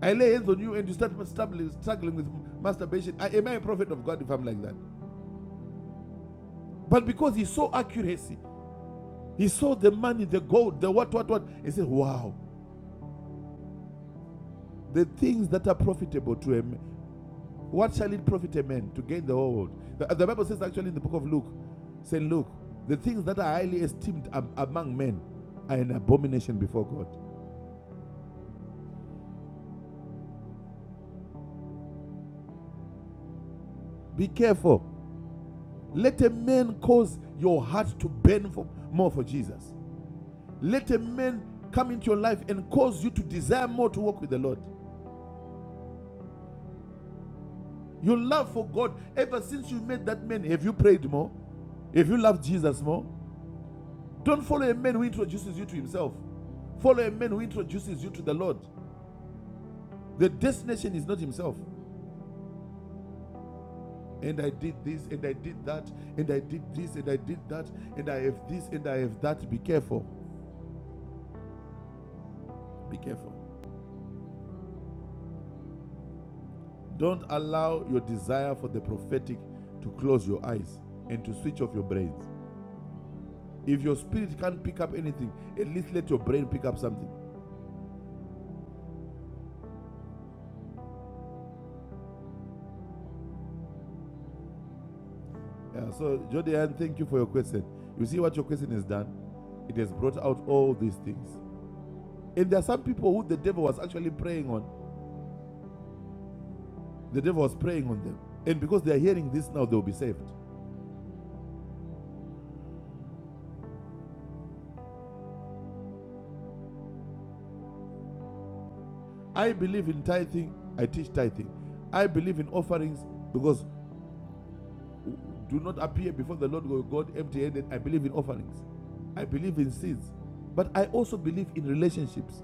[SPEAKER 3] I lay hands on you and you start struggling, struggling with masturbation. I, am I a prophet of God if I'm like that? But because he saw accuracy, He saw the money, the gold, the what, what, what. He said, Wow, the things that are profitable to him, what shall it profit a man to gain the whole world? The, the Bible says actually in the book of Luke, saying, Look, the things that are highly esteemed among men are an abomination before God. Be careful. Let a man cause your heart to burn for, more for Jesus. Let a man come into your life and cause you to desire more to walk with the Lord. Your love for God, ever since you met that man, have you prayed more? Have you loved Jesus more? Don't follow a man who introduces you to himself. Follow a man who introduces you to the Lord. The destination is not himself. And I did this, and I did that, and I did this, and I did that, and I have this, and I have that. Be careful. Be careful. Don't allow your desire for the prophetic to close your eyes and to switch off your brains. If your spirit can't pick up anything, at least let your brain pick up something. Yeah, so Jody thank you for your question. You see what your question has done? It has brought out all these things. And there are some people who the devil was actually preying on. The devil was preying on them. And because they are hearing this now, they'll be saved. I believe in tithing. I teach tithing. I believe in offerings because do not appear before the Lord God empty handed. I believe in offerings. I believe in seeds. But I also believe in relationships.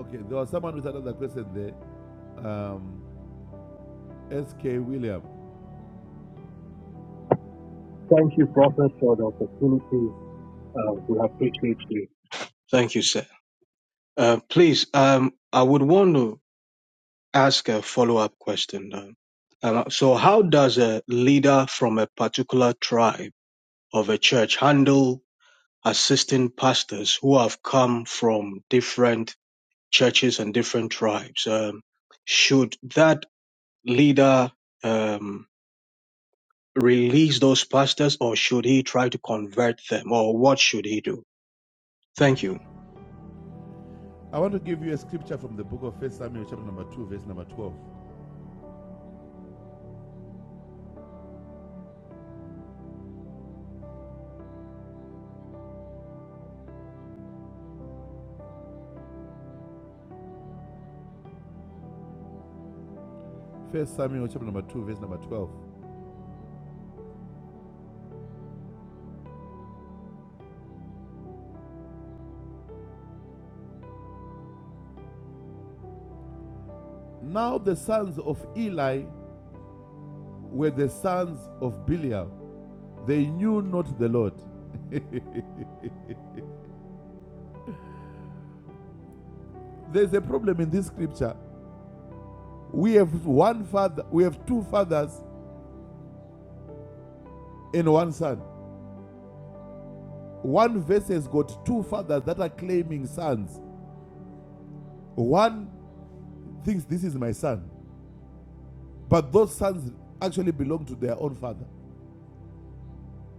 [SPEAKER 3] Okay, there was someone with another question there. Um, S.K. William.
[SPEAKER 6] Thank you, Prophet, for the opportunity. Uh, we appreciate you. Thank you, sir. Uh, please, um, I would want to ask a follow-up question. uh, uh, so, how does a leader from a particular tribe of a church handle assisting pastors who have come from different churches and different tribes? Um, should that leader um, release those pastors, or should he try to convert them, or what should he do? Thank you.
[SPEAKER 3] I want to give you a scripture from the book of First Samuel, chapter number 2, verse number 12. First Samuel, chapter number 2, verse number 12. Now the sons of Eli were the sons of Belial. They knew not the Lord. There's a problem in this scripture. We have one father, we have two fathers and one son. One verse has got two fathers that are claiming sons. One thinks this is my son, but those sons actually belong to their own father.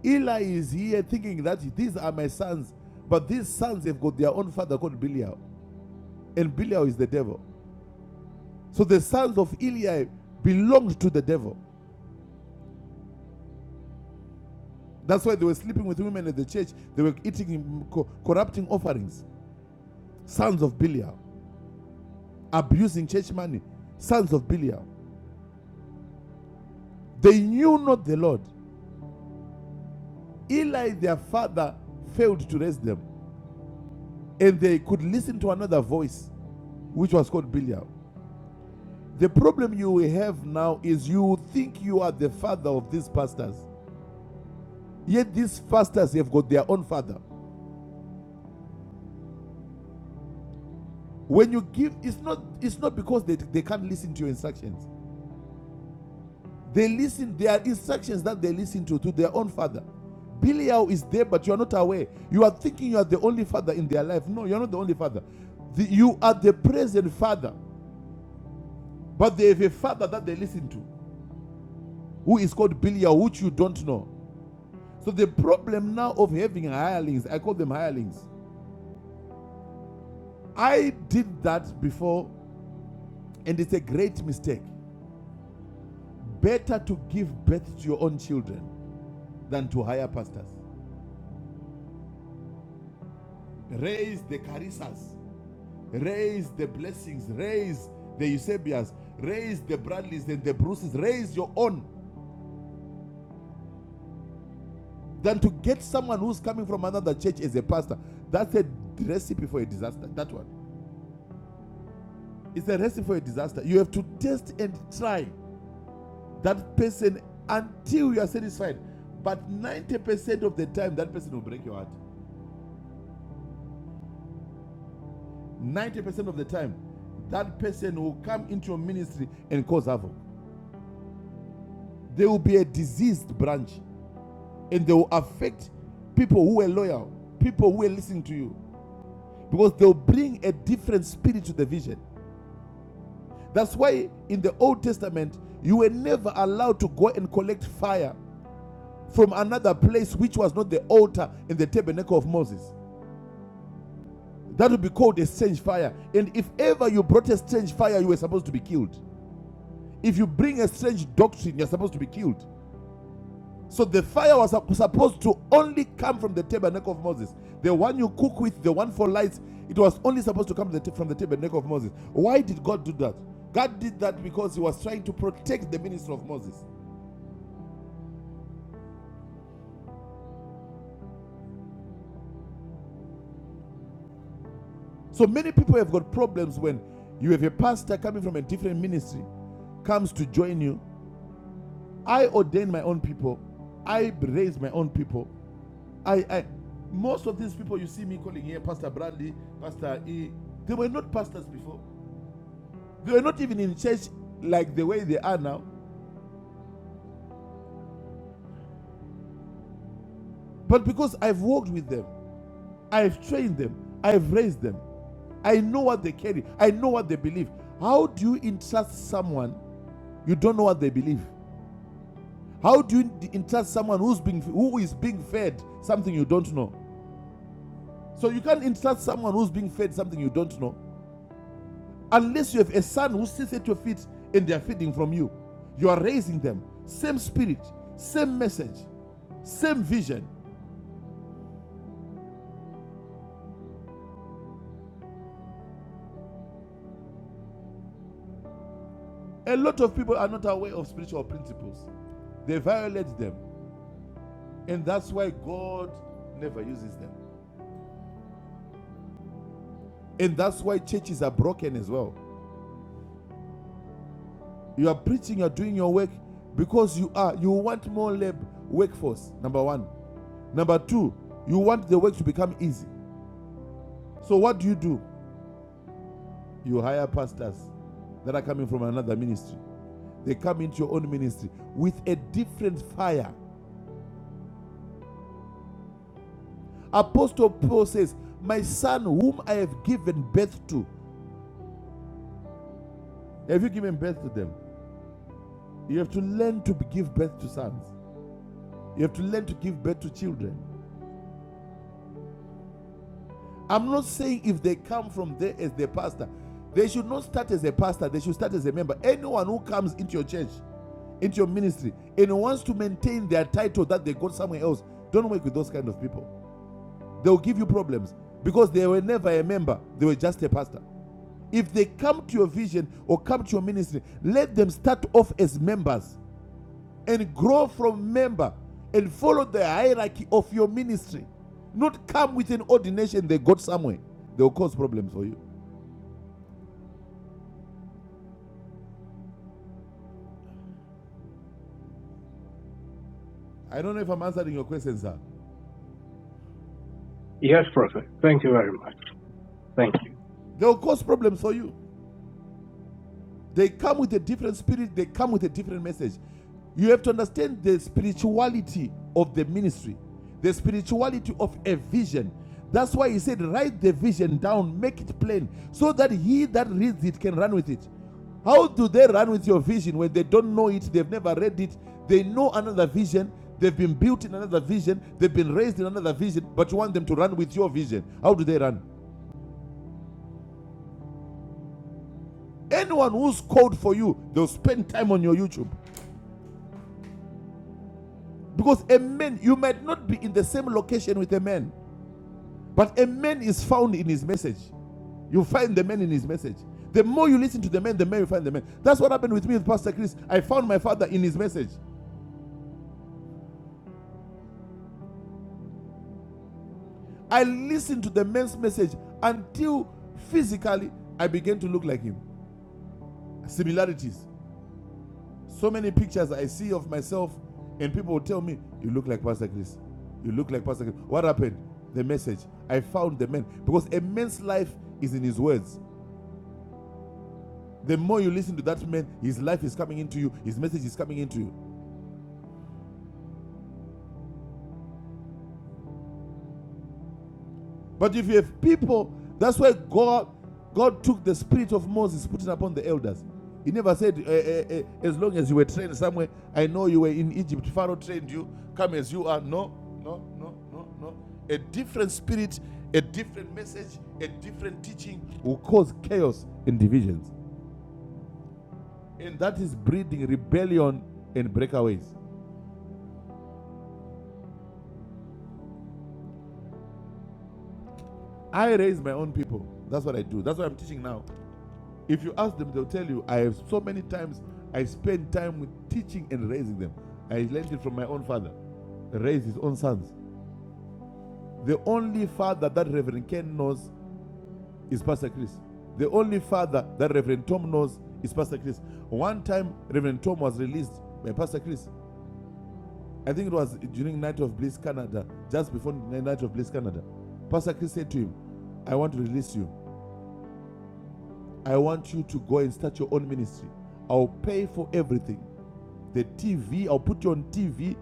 [SPEAKER 3] Eli is here thinking that these are my sons, but these sons have got their own father called Belial, and Belial is the devil. So the sons of Eli belonged to the devil. That's why they were sleeping with women at the church. They were eating, corrupting offerings. Sons of Belial, abusing church money. Sons of Belial. They knew not the Lord. Eli, their father, failed to raise them, and they could listen to another voice, which was called Belial. The problem you will have now is you think you are the father of these pastors. Yet these pastors have got their own father. When you give, it's not it's not because they, they can't listen to your instructions. They listen, there are instructions that they listen to to their own father. Belial is there, but you are not aware. You are thinking you are the only father in their life. No, you're not the only father. The- you are the present father, but they have a father that they listen to who is called Belial, which you don't know. So the problem now of having hirelings, I call them hirelings. I did that before, and it's a great mistake. Better to give birth to your own children than to hire pastors. Raise the Carissas, raise the blessings, raise the Eusebias, raise the Bradleys and the Bruces, raise your own than to get someone who's coming from another church as a pastor. That's a recipe for a disaster. That one. It's a recipe for a disaster. You have to test and try that person until you are satisfied. But 90% of the time, that person will break your heart. 90% of the time, that person will come into your ministry and cause havoc. There will be a diseased branch and they will affect people who are loyal, people who are listening to you, because they'll bring a different spirit to the vision. That's why in the Old Testament, you were never allowed to go and collect fire from another place which was not the altar in the tabernacle of Moses. That would be called a strange fire. And if ever you brought a strange fire, you were supposed to be killed. If you bring a strange doctrine, you're supposed to be killed. So the fire was supposed to only come from the tabernacle of Moses. The one you cook with, the one for lights, it was only supposed to come from the tabernacle of Moses. Why did God do that? God did that because he was trying to protect the ministry of Moses. So many people have got problems when you have a pastor coming from a different ministry comes to join you I ordain my own people. I raise my own people. I, I most of these people you see me calling here, Pastor Bradley, Pastor E, they were not pastors before. They were not even in church like the way they are now. But because I've worked with them, I've trained them, I've raised them, I know what they carry, I know what they believe. How do you entrust someone you don't know what they believe? How do you entrust someone who's being who is being fed something you don't know? So you can't insult someone who's being fed something you don't know. Unless you have a son who sits at your feet and they are feeding from you. You are raising them. Same spirit, same message, same vision. A lot of people are not aware of spiritual principles. They violate them. And that's why God never uses them. And that's why churches are broken as well. You are preaching, you're doing your work because you are you want more lab workforce, number one. Number two, you want the work to become easy. So what do you do? You hire pastors that are coming from another ministry. They come into your own ministry with a different fire. Apostle Paul says, My son, whom I have given birth to, have you given birth to them? You have to learn to give birth to sons. You have to learn to give birth to children. I'm not saying if they come from there as their pastor, they should not start as a pastor, they should start as a member. Anyone who comes into your church, into your ministry, and wants to maintain their title that they got somewhere else, don't work with those kind of people. They'll give you problems because they were never a member, they were just a pastor. If they come to your vision or come to your ministry, let them start off as members and grow from member and follow the hierarchy of your ministry. Not come with an ordination they got somewhere. They'll cause problems for you. I don't know if I'm answering your question, sir.
[SPEAKER 6] Yes, Prophet. Thank you very much. Thank you.
[SPEAKER 3] They'll cause problems for you. They come with a different spirit, they come with a different message. You have to understand the spirituality of the ministry, the spirituality of a vision. That's why he said, Write the vision down, make it plain, so that he that reads it can run with it. How do they run with your vision when they don't know it? They've never read it. They know another vision. They've been built in another vision. They've been raised in another vision. But you want them to run with your vision. How do they run? Anyone who's called for you, they'll spend time on your YouTube. Because a man, you might not be in the same location with a man, but a man is found in his message. You find the man in his message. The more you listen to the man, the more you find the man. That's what happened with me with Pastor Chris. I found my father in his message. I listened to the man's message until physically I began to look like him. Similarities. So many pictures I see of myself, and people will tell me, You look like Pastor Chris. You look like Pastor Chris. What happened? The message. I found the man. Because a man's life is in his words. The more you listen to that man, his life is coming into you, his message is coming into you. But if you have people, that's why God God took the spirit of Moses, putting upon the elders. He never said, eh, eh, eh, eh, as long as you were trained somewhere, I know you were in Egypt, Pharaoh trained you, come as you are. No, no, no, no, no. A different spirit, a different message, a different teaching will cause chaos and divisions. And that is breeding rebellion and breakaways. I raise my own people. That's what I do. That's what I'm teaching now. If you ask them, they'll tell you, I have so many times I spend time with teaching and raising them. I learned it from my own father. Raised his own sons. The only father that Reverend Ken knows is Pastor Chris. The only father that Reverend Tom knows is Pastor Chris. One time, Reverend Tom was released by Pastor Chris. I think it was during Night of Bliss Canada, just before Night of Bliss Canada. Pastor Chris said to him, I want to release you. I want you to go and start your own ministry. I'll pay for everything. the TV. I'll put you on TV.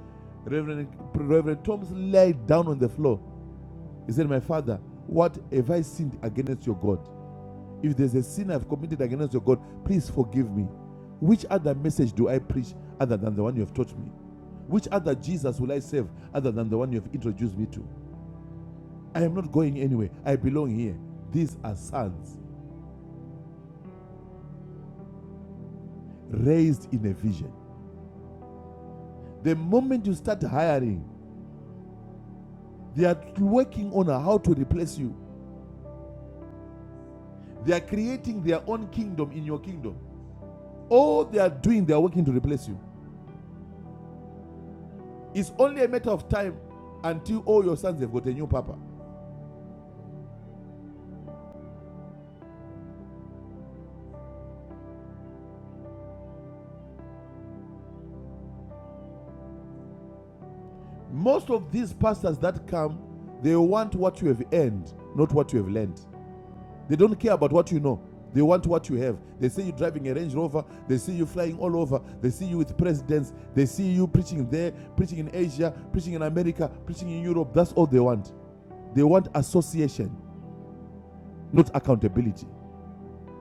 [SPEAKER 3] Reverend, Reverend Thomas laid down on the floor. He said, My father, what have I sinned against your God? If there's a sin I've committed against your God, please forgive me. Which other message do I preach other than the one you have taught me? Which other Jesus will I serve other than the one you have introduced me to? I am not going anywhere. I belong here. These are sons raised in a vision. The moment you start hiring, they are working on how to replace you. They are creating their own kingdom in your kingdom. All they are doing, they are working to replace you. It's only a matter of time until all your sons have got a new papa. Most of these pastors that come, they want what you have earned, not what you have learned. They don't care about what you know. They want what you have. They see you driving a Range Rover. They see you flying all over. They see you with presidents. They see you preaching there, preaching in Asia, preaching in America, preaching in Europe. That's all they want. They want association, not accountability.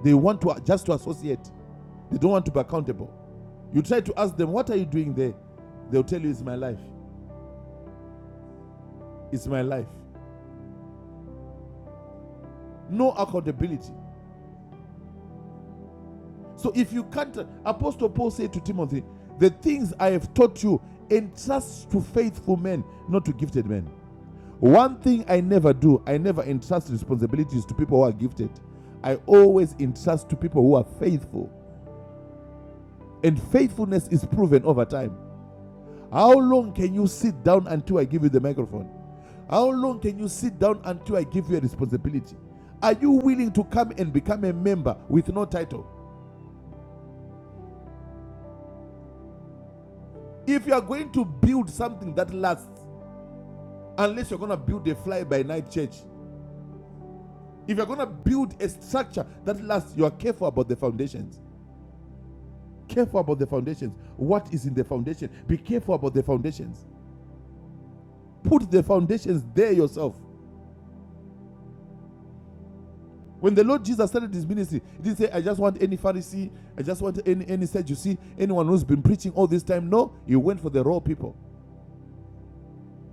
[SPEAKER 3] They want to just to associate. They don't want to be accountable. You try to ask them, what are you doing there? They'll tell you it's my life. It's my life. No accountability. So if you can't, Apostle Paul said to Timothy, the things I have taught you, entrust to faithful men, not to gifted men. One thing I never do, I never entrust responsibilities to people who are gifted. I always entrust to people who are faithful. And faithfulness is proven over time. How long can you sit down until I give you the microphone? How long can you sit down until I give you a responsibility? Are you willing to come and become a member with no title? If you are going to build something that lasts, unless you're going to build a fly by night church, if you're going to build a structure that lasts, you are careful about the foundations. Careful about the foundations. What is in the foundation? Be careful about the foundations. Put the foundations there yourself. When the Lord Jesus started his ministry, he didn't say, I just want any Pharisee, I just want any, any Sadducee, anyone who's been preaching all this time. No, he went for the raw people.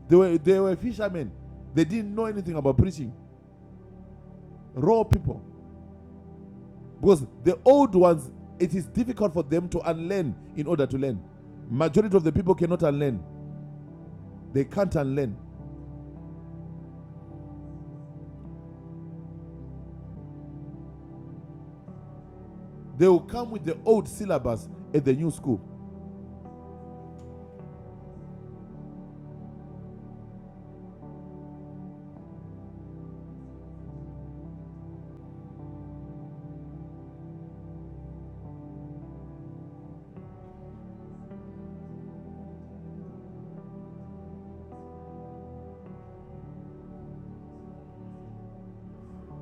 [SPEAKER 3] They were, they were fishermen. They didn't know anything about preaching. Raw people. Because the old ones, it is difficult for them to unlearn in order to learn. Majority of the people cannot unlearn. They can't unlearn. They will come with the old syllabus at the new school.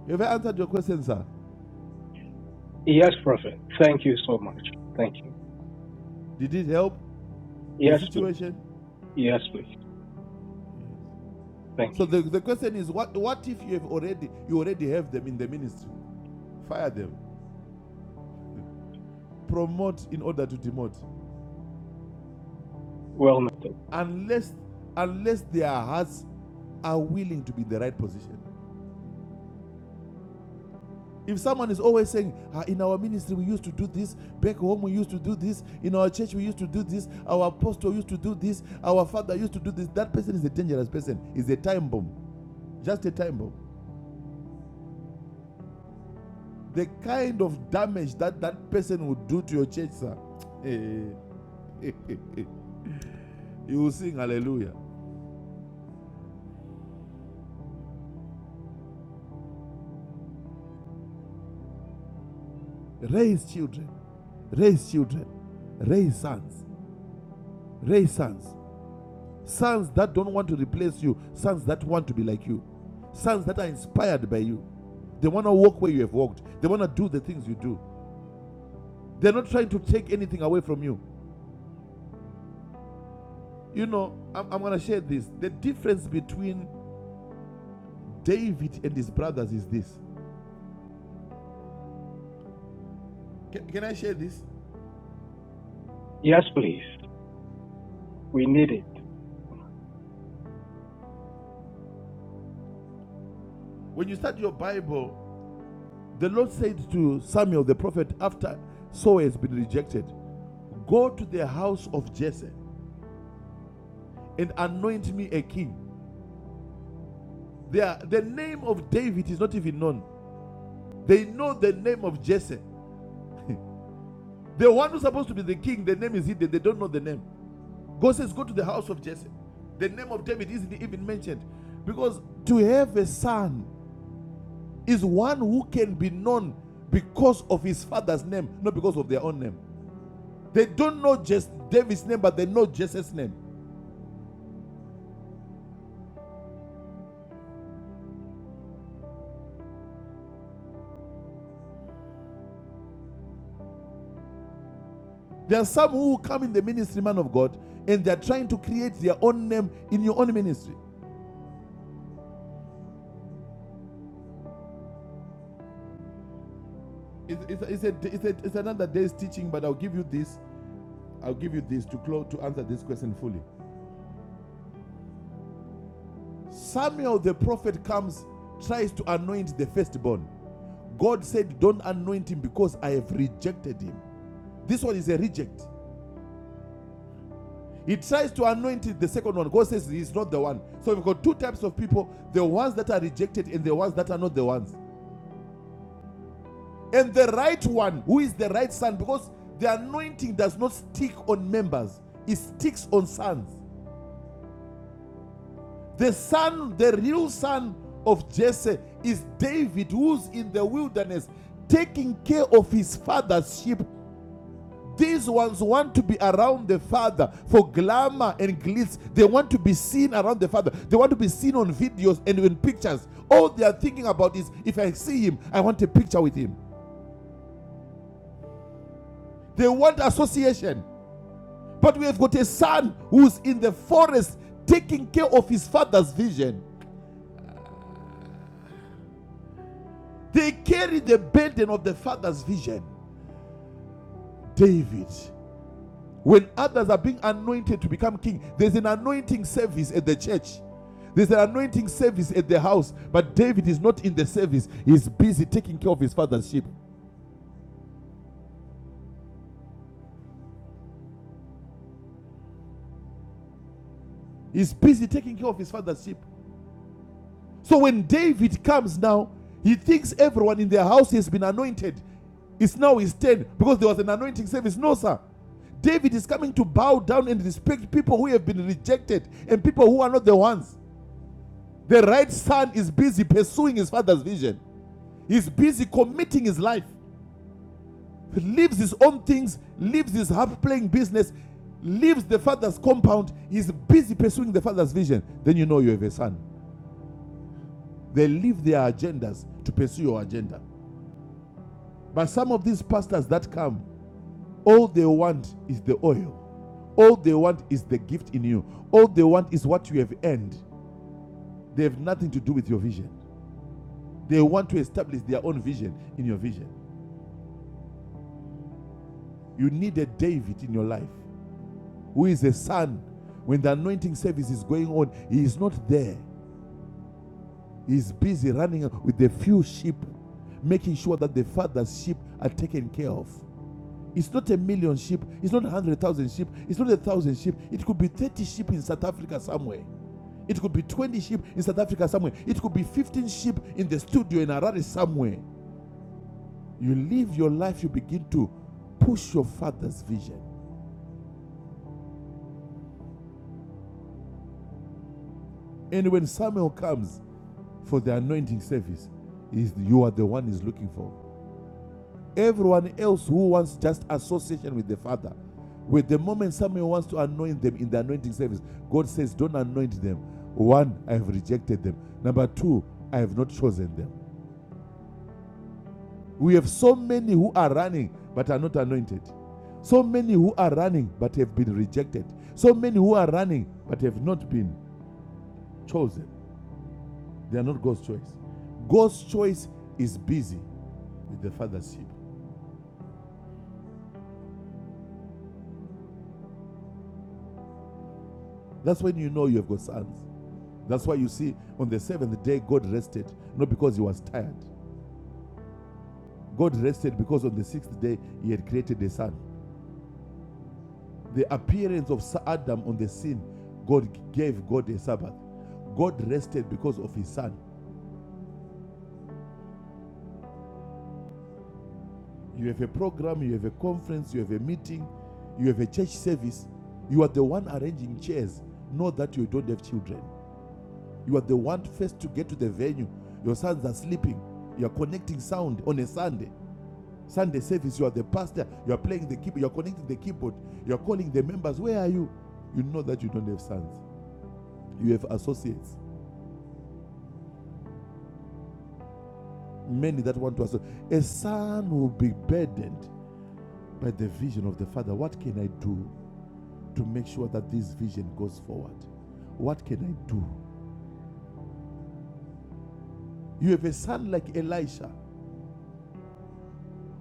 [SPEAKER 3] Have I answered your question, sir?
[SPEAKER 6] Yes, Prophet. Thank you so much. Thank you.
[SPEAKER 3] Did it help the
[SPEAKER 6] Yes, please.
[SPEAKER 3] situation?
[SPEAKER 6] Yes, please. Thank
[SPEAKER 3] So
[SPEAKER 6] you.
[SPEAKER 3] the, the question is what what if you have already you already have them in the ministry? Fire them. Promote in order to demote.
[SPEAKER 6] Well noted.
[SPEAKER 3] Unless unless their hearts are willing to be in the right position. If someone is always saying, "Ah, in our ministry we used to do this, back home we used to do this, in our church we used to do this, our apostle used to do this, our father used to do this, that person is a dangerous person, is a time bomb. Just a time bomb. the kind of damage that that person would do to your church, sir. Eh, eh, eh, eh. you will sing hallelujah. Raise children, raise children, raise sons, raise sons, sons that don't want to replace you, sons that want to be like you, sons that are inspired by you. They want to walk where you have walked. They want to do the things you do. They're not trying to take anything away from you. You know, I'm, I'm going to share this. The difference between David and his brothers is this. Can, can I share this?
[SPEAKER 6] Yes, please. We need it.
[SPEAKER 3] When you start your Bible, the Lord said to Samuel the prophet after Saul has been rejected, Go to the house of Jesse and anoint me a king. They are, the name of David is not even known. They know the name of Jesse. The one who's supposed to be the king, the name is hidden. They don't know the name. God says, Go to the house of Jesse. The name of David isn't even mentioned. Because to have a son is one who can be known because of his father's name, not because of their own name. They don't know just David's name, but they know Jesus' name. There are some who come in the ministry, man of God, and they're trying to create their own name in your own ministry. It's, it's, it's, a, it's, a, it's another day's teaching, but I'll give you this. I'll give you this to close to answer this question fully. Samuel the prophet comes, tries to anoint the firstborn. God said, Don't anoint him because I have rejected him. This one is a reject. He tries to anoint it, the second one. God says he's not the one. So we've got two types of people the ones that are rejected and the ones that are not the ones. And the right one, who is the right son, because the anointing does not stick on members, it sticks on sons. The son, the real son of Jesse, is David, who's in the wilderness taking care of his father's sheep These ones want to be around the Father for glamour and glitz. They want to be seen around the Father. They want to be seen on videos and in pictures. All they are thinking about is if I see him, I want a picture with him. They want association. But we have got a son who's in the forest taking care of his father's vision. They carry the burden of the father's vision. David When others are being anointed to become king, there's an anointing service at the church. There's an anointing service at the house, but David is not in the service. He's busy taking care of his father's sheep. He's busy taking care of his father's sheep. So when David comes now, he thinks everyone in the house has been anointed. It's now his turn because there was an anointing service. No, sir. David is coming to bow down and respect people who have been rejected and people who are not the ones. The right son is busy pursuing his father's vision. He's busy committing his life. He leaves his own things, leaves his half playing business, leaves the father's compound. He's busy pursuing the father's vision. Then you know you have a son. They leave their agendas to pursue your agenda. But some of these pastors that come, all they want is the oil. All they want is the gift in you. All they want is what you have earned. They have nothing to do with your vision. They want to establish their own vision in your vision. You need a David in your life. who is a son, when the anointing service is going on, he is not there. He is busy running with the few sheep, making sure that the father's sheep are taken care of. It's not a million sheep, it's not a hundred thousand sheep, it's not a thousand sheep. It could be 30 sheep in South Africa somewhere. It could be 20 sheep in South Africa somewhere. It could be 15 sheep in the studio in Harare somewhere. You live your life, you begin to push your father's vision. And when Samuel comes, for the anointing service is you are the one he's looking for. Everyone else who wants just association with the Father, with the moment someone wants to anoint them in the anointing service, God says, Don't anoint them. One, I have rejected them. Number two, I have not chosen them. We have so many who are running but are not anointed. So many who are running but have been rejected. So many who are running but have not been chosen. They are not God's choice. God's choice is busy with the Father's sheep. That's when you know you have got sons. That's why you see on the seventh day God rested, not because he was tired. God rested because on the sixth day he had created a son. The appearance of Adam on the scene, God gave God a Sabbath. God rested because of his son. You have a program, you have a conference, you have a meeting, you have a church service. You are the one arranging chairs, not that you don't have children. You are the one first to get to the venue. Your sons are sleeping. You are connecting sound on a Sunday. Sunday service, you are the pastor, you are playing the keyboard, you're connecting the keyboard, you're calling the members. Where are you? You know that you don't have sons. You have associates, many that want to associate. A son will be burdened by the vision of the father. What can I do to make sure that this vision goes forward? What can I do? You have a son like Elisha,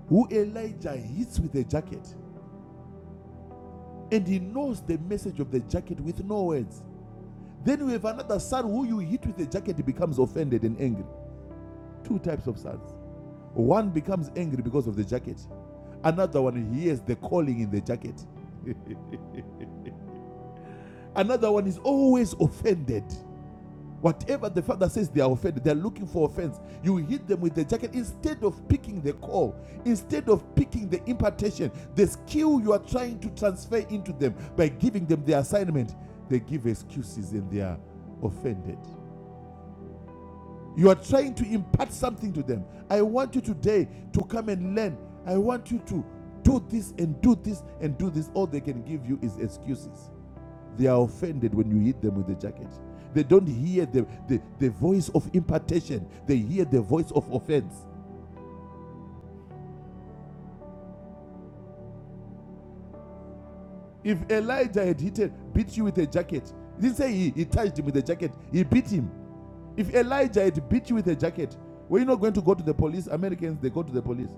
[SPEAKER 3] who Elijah hits with a jacket, and he knows the message of the jacket with no words. Then you have another son who you hit with a jacket, he becomes offended and angry. Two types of sons. One becomes angry because of the jacket, another one hears the calling in the jacket. Another one is always offended. Whatever the father says, they are offended. They are looking for offense. You hit them with the jacket instead of picking the call, instead of picking the impartation, the skill you are trying to transfer into them by giving them the assignment. They give excuses and they are offended. You are trying to impart something to them. I want you today to come and learn. I want you to do this and do this and do this. All they can give you is excuses. They are offended when you hit them with the jacket. They don't hear the, the, the voice of impartation, they hear the voice of offense. If Elijah had hit it, beat you with a jacket, he didn't say he, he touched him with a jacket, he beat him. If Elijah had beat you with a jacket, were you not going to go to the police? Americans, they go to the police.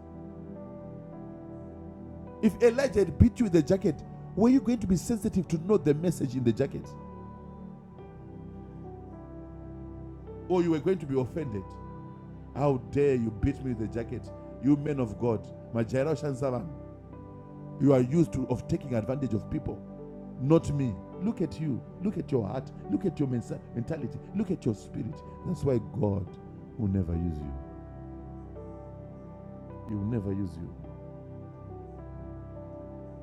[SPEAKER 3] If Elijah had beat you with a jacket, were you going to be sensitive to know the message in the jacket? Or you were going to be offended? How dare you beat me with the jacket? You men of God, Majairo Shansavan, you are used to of taking advantage of people, not me. Look at you. Look at your heart. Look at your mentality. Look at your spirit. That's why God will never use you. He will never use you.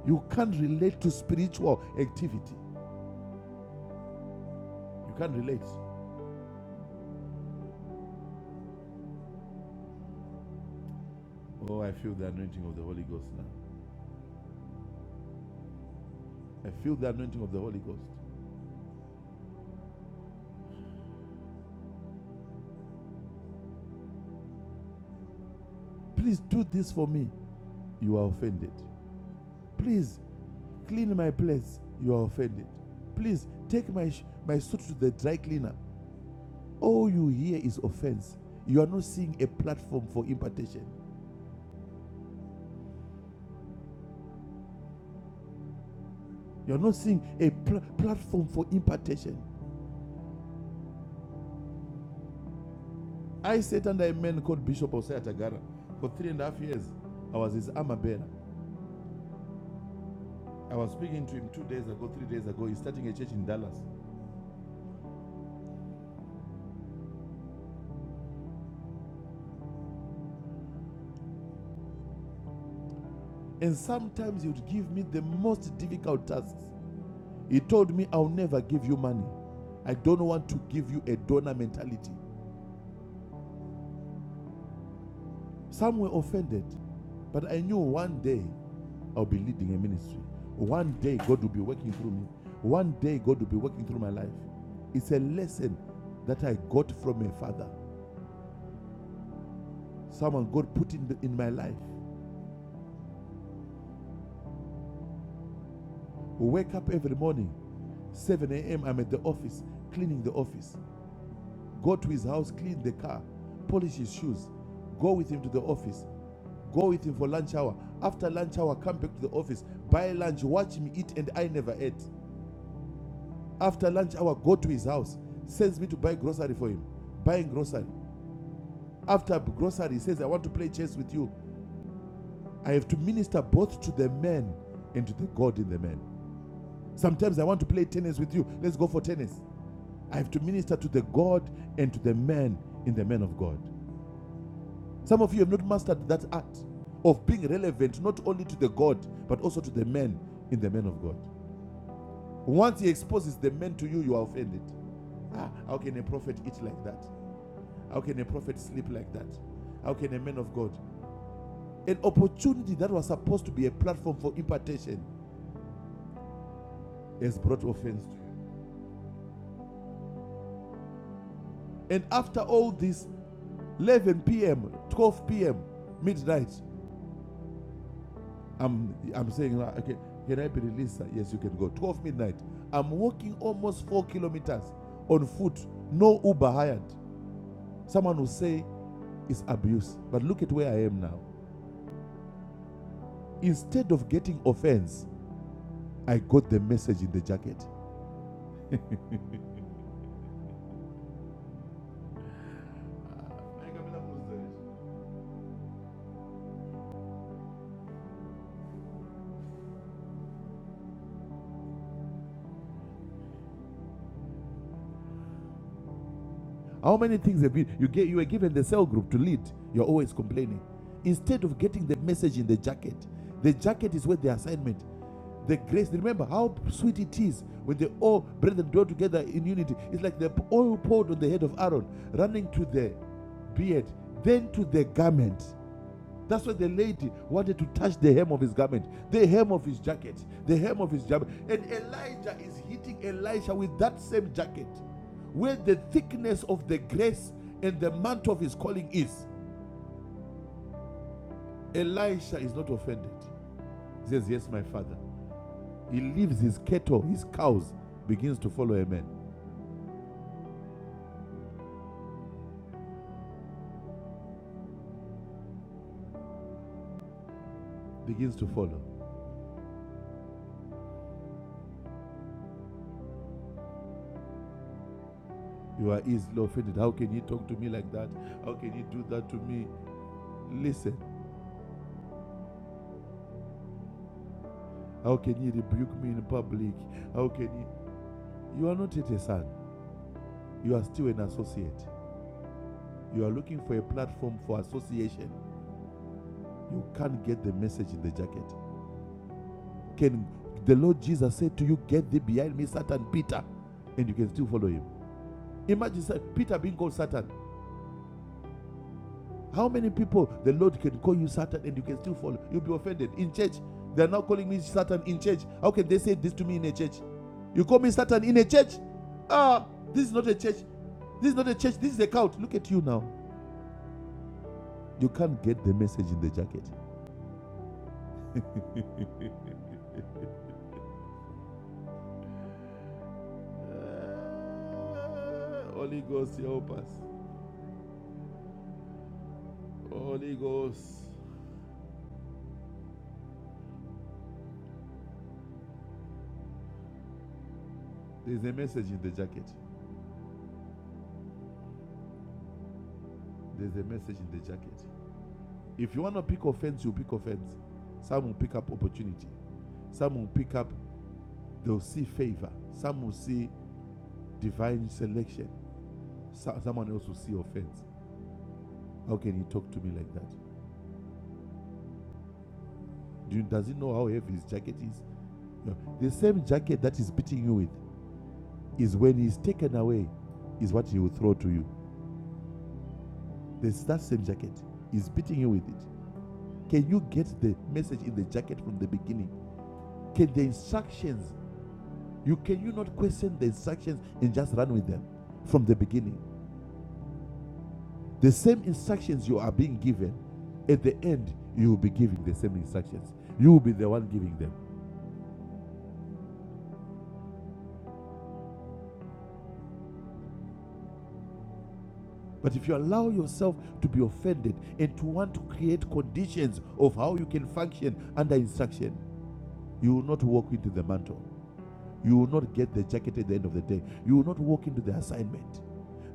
[SPEAKER 3] You can't relate to spiritual activity. You can't relate. Oh, I feel the anointing of the Holy Ghost now. I feel the anointing of the Holy Ghost. Please do this for me. You are offended. Please clean my place. You are offended. Please take my, my suit to the dry cleaner. All you hear is offense. You are not seeing a platform for impartation. You are not seeing a pl- platform for impartation. I sat under a man called Bishop Osaya Tagara for three and a half years. I was his armor bearer. I was speaking to him two days ago, three days ago. He's starting a church in Dallas. And sometimes he would give me the most difficult tasks. He told me, I'll never give you money. I don't want to give you a donor mentality. Some were offended, but I knew one day I'll be leading a ministry. One day God will be working through me. One day God will be working through my life. It's a lesson that I got from my father. Someone God put in, the, in my life. Wake up every morning, 7 a.m. I'm at the office, cleaning the office. Go to his house, clean the car, polish his shoes, go with him to the office, go with him for lunch hour. After lunch hour, come back to the office, buy lunch, watch him eat, and I never ate. After lunch hour, go to his house, sends me to buy grocery for him, buying grocery. After grocery, he says, I want to play chess with you. I have to minister both to the man and to the God in the man. Sometimes I want to play tennis with you. Let's go for tennis. I have to minister to the God and to the man in the man of God. Some of you have not mastered that art of being relevant not only to the God, but also to the men in the men of God. Once he exposes the men to you, you are offended. Ah, how can a prophet eat like that? How can a prophet sleep like that? How can a man of God? An opportunity that was supposed to be a platform for impartation has brought offense to you. And after all this, 11 p.m., 12 p.m., midnight, I'm I'm saying, "Ah, okay, can I be released? Yes, you can go. 12 midnight. I'm walking almost four kilometers on foot. No Uber hired. Someone will say it's abuse. But look at where I am now. Instead of getting offense, I got the message in the jacket. How many things have you you get you were given the cell group to lead? You're always complaining. Instead of getting the message in the jacket, the jacket is where the assignment, the grace. Remember how sweet it is when they all brethren dwell together in unity. It's like the oil poured on the head of Aaron, running to the beard, then to the garment. That's why the lady wanted to touch the hem of his garment, the hem of his jacket, the hem of his jacket. And Elijah is hitting Elisha with that same jacket, where the thickness of the grace and the mantle of his calling is. Elisha is not offended. He says, Yes, my father. He leaves his cattle, his cows, begins to follow a man, begins to follow. You are easily offended. How can you talk to me like that? How can you do that to me? Listen, how can you rebuke me in public? How can you? You are not yet a son, you are still an associate. You are looking for a platform for association. You can't get the message in the jacket. Can the Lord Jesus said to you, Get thee behind me, Satan, Peter, and you can still follow him. Imagine Peter being called Satan. How many people the Lord can call you Satan and you can still follow? You'll be offended. In church, they are now calling me Satan in church. How can they say this to me in a church? You call me Satan in a church? Ah, this is not a church. This is not a church. This is a cult. Look at you now. You can't get the message in the jacket. uh, Holy Ghost, help us. Holy Ghost. There's a message in the jacket. There's a message in the jacket. If you want to pick offense, you pick offense. Some will pick up opportunity. Some will pick up, they'll see favor. Some will see divine selection. So- someone else will see offense. How can you talk to me like that? Do, does he know how heavy his jacket is? No. The same jacket that is beating you with is when he's taken away, is what he will throw to you. There's that same jacket. He's beating you with it. Can you get the message in the jacket from the beginning? Can the instructions, you can you not question the instructions and just run with them from the beginning? The same instructions you are being given, at the end, you will be giving the same instructions. You will be the one giving them. But if you allow yourself to be offended and to want to create conditions of how you can function under instruction, you will not walk into the mantle. You will not get the jacket at the end of the day. You will not walk into the assignment.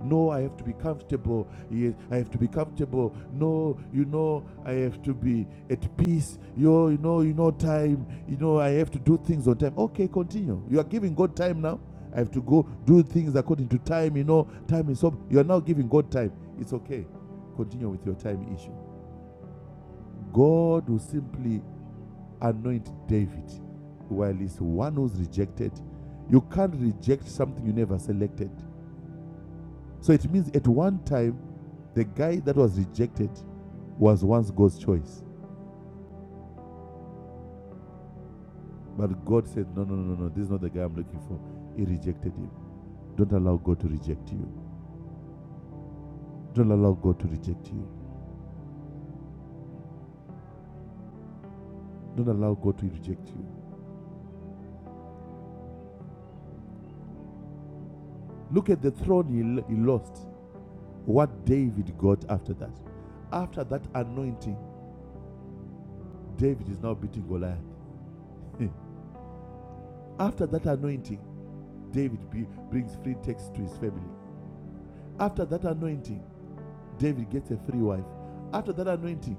[SPEAKER 3] No, I have to be comfortable. Yes, I have to be comfortable. No, you know, I have to be at peace. Yo, you know, you know, time. You know, I have to do things on time. Okay, continue. You are giving God time now. I have to go do things according to time. You know, time is up. You are now giving God time. It's okay. Continue with your time issue. God will simply anoint David while he's one who's rejected. You can't reject something you never selected. So it means at one time, the guy that was rejected was once God's choice. But God said, No, no, no, no, this is not the guy I'm looking for. He rejected him. Don't allow God to reject you. Don't allow God to reject you. Don't allow God to reject you. Look at the throne he, he lost. What David got after that. After that anointing, David is now beating Goliath. After that anointing, David be- brings free text to his family. After that anointing, David gets a free wife. After that anointing,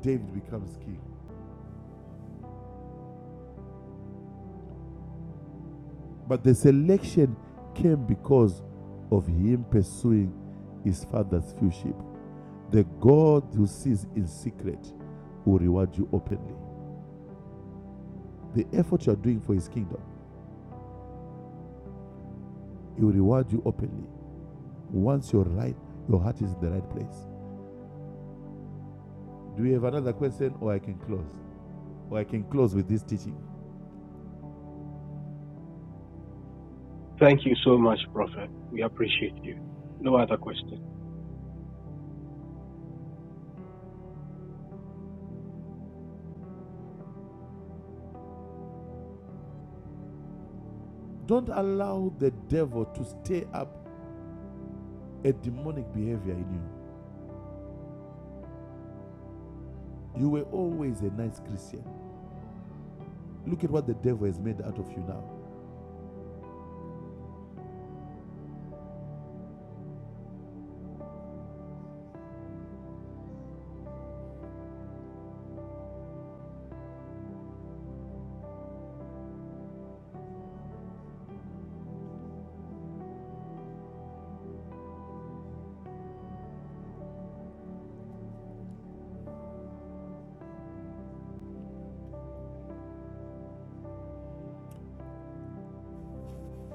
[SPEAKER 3] David becomes king. But the selection came because of him pursuing his father's few sheep. The God who sees in secret will reward you openly. The effort you are doing for his kingdom, he will reward you openly. Once you're right, your heart is in the right place. Do you have another question, or I can close? Or I can close with this teaching.
[SPEAKER 6] Thank you so much, Prophet. We appreciate you. No other questions.
[SPEAKER 3] Don't allow the devil to stir up a demonic behavior in you. You were always a nice Christian. Look at what the devil has made out of you now.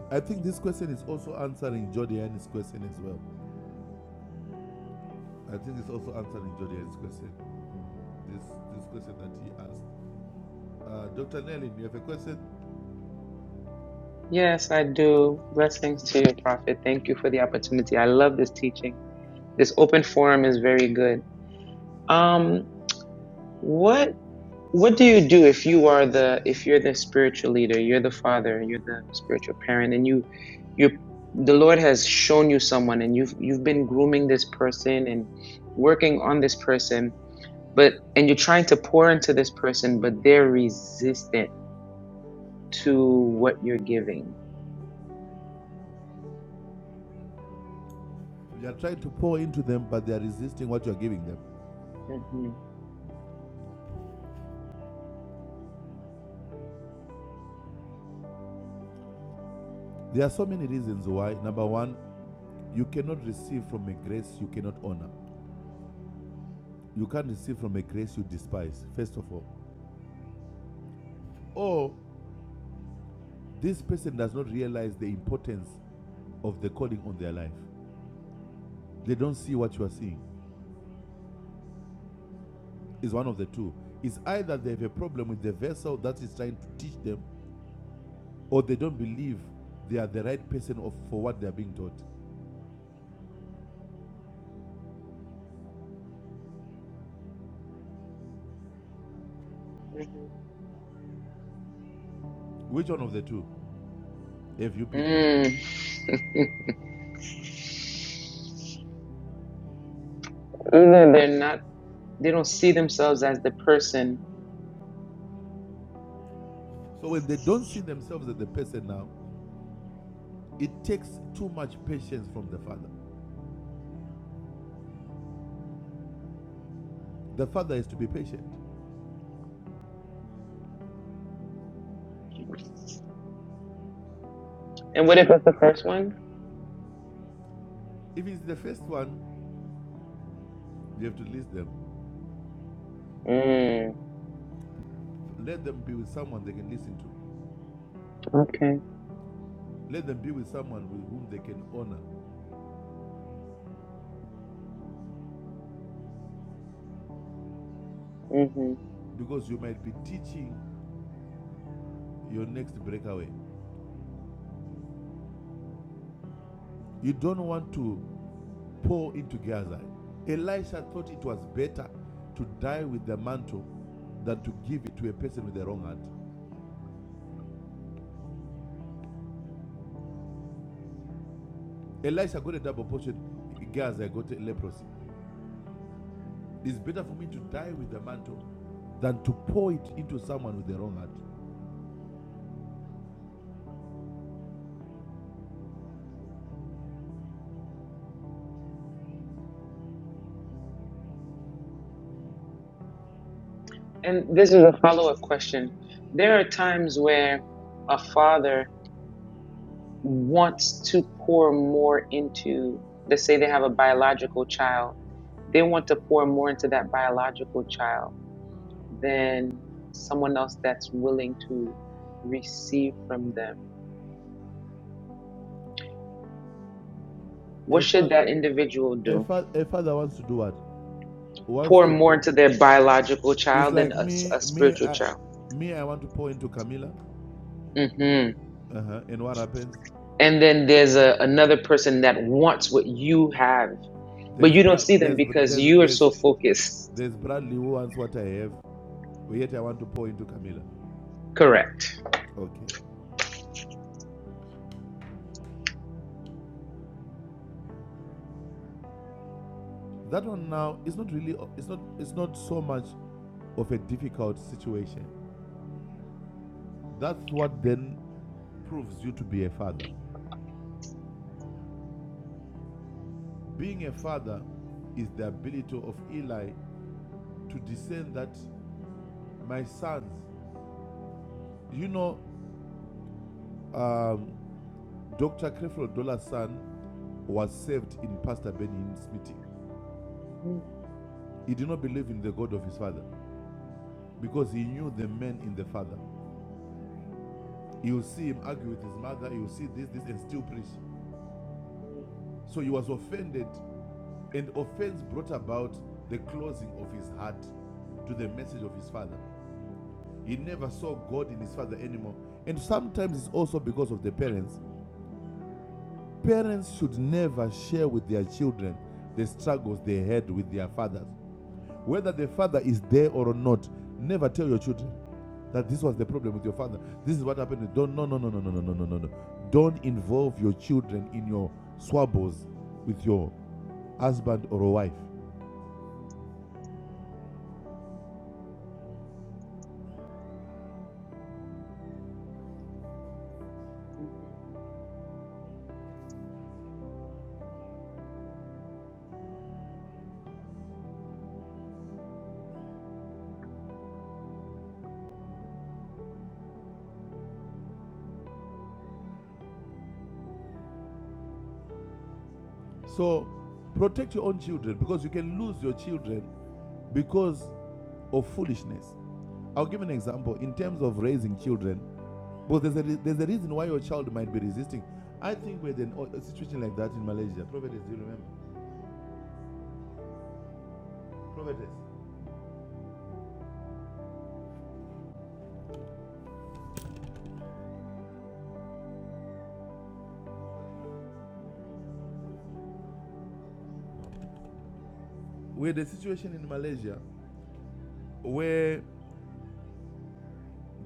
[SPEAKER 3] I think this question is also answering Jordan's question as well. I think it's also answering Jordan's question. This this question that he asked. Uh, Dr. Nelly, you have a question?
[SPEAKER 7] Yes, I do. Blessings to you, Prophet. Thank you for the opportunity. I love this teaching. This open forum is very good. Um, what what do you do if you are the if you're the spiritual leader, you're the father, you're the spiritual parent, and you you the Lord has shown you someone, and you've you've been grooming this person and working on this person, but and you're trying to pour into this person, but they're resistant to what you're giving.
[SPEAKER 3] You are trying to pour into them, but they are resisting what you are giving them.
[SPEAKER 7] hmm
[SPEAKER 3] There are so many reasons why. Number one, you cannot receive from a grace you cannot honor. You can't receive from a grace you despise, first of all. Or this person does not realize the importance of the calling on their life. They don't see what you are seeing. Is one of the two. It's either they have a problem with the vessel that is trying to teach them, or they don't believe they are the right person for what they are being taught. Which one of the two have you picked up?
[SPEAKER 7] hmm Either they're not, they don't see themselves as the person.
[SPEAKER 3] So when they don't see themselves as the person now, it takes too much patience from the father. The father has to be patient.
[SPEAKER 7] And what if it's the first one?
[SPEAKER 3] If it's the first one, you have to listen them.
[SPEAKER 7] Mm,
[SPEAKER 3] Let them be with someone they can listen to.
[SPEAKER 7] okay.
[SPEAKER 3] Let them be with someone with whom they can honor
[SPEAKER 7] hmm
[SPEAKER 3] because you might be teaching your next breakaway. You don't want to pour into Gaza. Elisha thought it was better to die with the mantle than to give it to a person with the wrong heart. Elisha got a double portion, Gaza got a leprosy. It's better for me to die with the mantle than to pour it into someone with the wrong heart.
[SPEAKER 7] And this is a follow up question. There are times where a father wants to pour more into, let's say they have a biological child, they want to pour more into that biological child than someone else that's willing to receive from them. What
[SPEAKER 3] A,
[SPEAKER 7] should
[SPEAKER 3] fa-
[SPEAKER 7] that individual
[SPEAKER 3] a,
[SPEAKER 7] do?
[SPEAKER 3] fa- a father wants to do what? Wants
[SPEAKER 7] pour
[SPEAKER 3] to
[SPEAKER 7] more
[SPEAKER 3] pour
[SPEAKER 7] into their biological
[SPEAKER 3] It's
[SPEAKER 7] child than
[SPEAKER 3] like
[SPEAKER 7] a, s-
[SPEAKER 3] me,
[SPEAKER 7] a
[SPEAKER 3] me,
[SPEAKER 7] spiritual
[SPEAKER 3] I,
[SPEAKER 7] child.
[SPEAKER 3] me. I want to pour into Camilla,
[SPEAKER 7] hmm
[SPEAKER 3] uh-huh. and what happens?
[SPEAKER 7] And then there's a, another person that wants what you have, but
[SPEAKER 3] There's
[SPEAKER 7] you don't
[SPEAKER 3] Brad,
[SPEAKER 7] see them
[SPEAKER 3] there's
[SPEAKER 7] because
[SPEAKER 3] there's
[SPEAKER 7] you are
[SPEAKER 3] there's
[SPEAKER 7] so focused.
[SPEAKER 3] there's Bradley who wants what I have, but yet I want to pour into Camilla.
[SPEAKER 7] Correct.
[SPEAKER 3] Okay, that one now is not really, it's not, it's not so much of a difficult situation. That's what then proves you to be a father. Being a father is the ability of Eli to discern that my sons, you know, um, Dr. Creflo Dollar's son was saved in Pastor Benin's meeting.
[SPEAKER 7] Mm,
[SPEAKER 3] He did not believe in the God of his father
[SPEAKER 7] mm,
[SPEAKER 3] because he knew the man in the father. You see him argue with his mother, you see this, this, and still preach. So he was offended, and offense brought about the closing of his heart to the message of his father. He never saw God in his father anymore. And sometimes it's also because of the parents. Parents should never share with their children the struggles they had with their fathers Whether the father is there or not, never tell your children that this was the
[SPEAKER 7] mm,
[SPEAKER 3] problem with your father. This is what happened. Don't no no no no no no no no no no. Don't involve your children in your swabbles with your husband or a wife.
[SPEAKER 7] mhm.
[SPEAKER 3] So protect your own children because you can lose your children because of foolishness. I'll give an example in terms of raising children. Because there's a, there's a reason why your child might be resisting. I think we had an, o- a situation like that in Malaysia. Prophet, do you remember? Prophetess, we had a situation in Malaysia where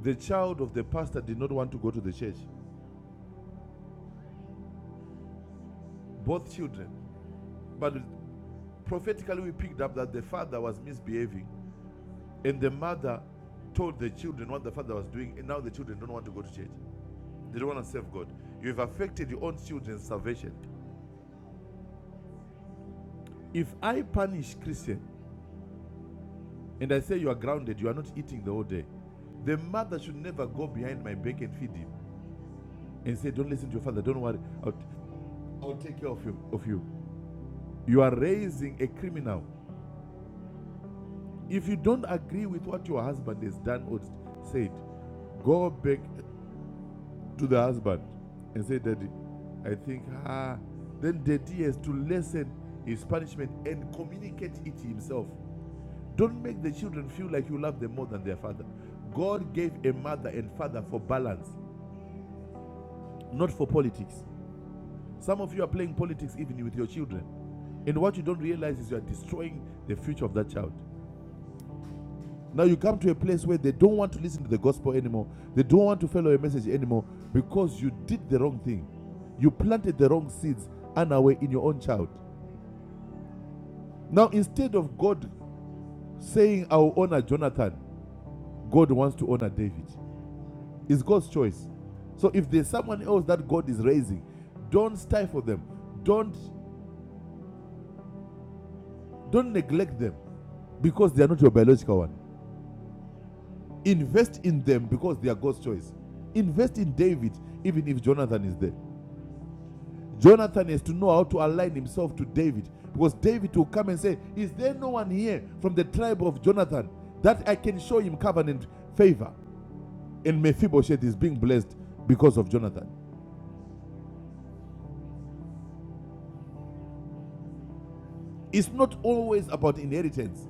[SPEAKER 3] the child of the pastor did not want to go to the church, both children. But prophetically, we picked up that the father was misbehaving, and the mother told the children what the father was doing, and now the children don't want to go to church. They don't want to serve God. You have affected your own children's salvation. If I punish Christian and I say you are grounded, you are not eating the whole day, the mother should never go behind my back and feed him and say, Don't listen to your father, don't worry. I will take care of you. Of you. You are raising a criminal. If you don't agree with what your husband has done or said, go back to the husband and say, Daddy, I think, ah, then Daddy has to lessen his punishment and communicate it himself. Don't make the children feel like you love them more than their father. God gave a mother and father for balance, not for politics. Some of you are playing politics even with your children. And what you don't realize is you are destroying the future of that child. Now you come to a place where they don't want to listen to the gospel anymore. They don't want to follow a message anymore because you did the wrong thing. You planted the wrong seeds unaware in your own child. Now instead of God saying, I'll honor Jonathan, God wants to honor David. It's God's choice. So if there's someone else that God is raising, don't stifle them. Don't don't neglect them because they are not your biological one. Invest in them because they are God's choice. Invest in David even if Jonathan is there. Jonathan has to know how to align himself to David because David will come and say, Is there no one here from the tribe of Jonathan that I can show him covenant favor? And Mephibosheth is being blessed because of Jonathan. It's not always about inheritance,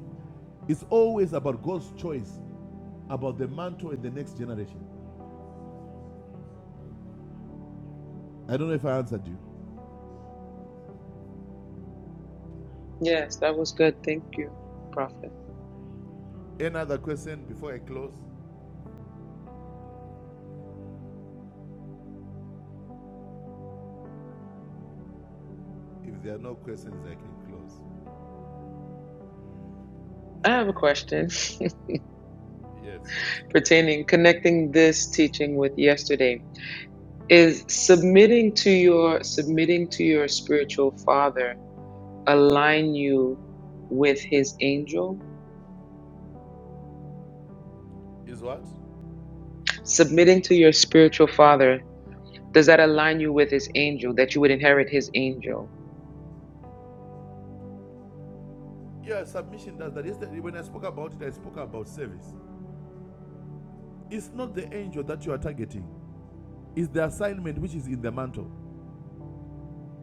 [SPEAKER 3] it's always about God's choice about the mantle in the next generation. I don't know if I answered you.
[SPEAKER 7] Yes, that was good. Thank you, Prophet.
[SPEAKER 3] Any other question before I close? If there are no questions, I can close.
[SPEAKER 7] I have a question
[SPEAKER 3] Yes, yes.
[SPEAKER 7] pertaining connecting this teaching with yesterday. Is submitting to your submitting to your spiritual father align you with his angel?
[SPEAKER 3] Is what?
[SPEAKER 7] Submitting to your spiritual father, does that align you with his angel, that you would inherit his angel?
[SPEAKER 3] Yeah, submission does that. Yesterday, when I spoke about it, I spoke about service. It's not the angel that you are targeting, it's the assignment which is in the mantle.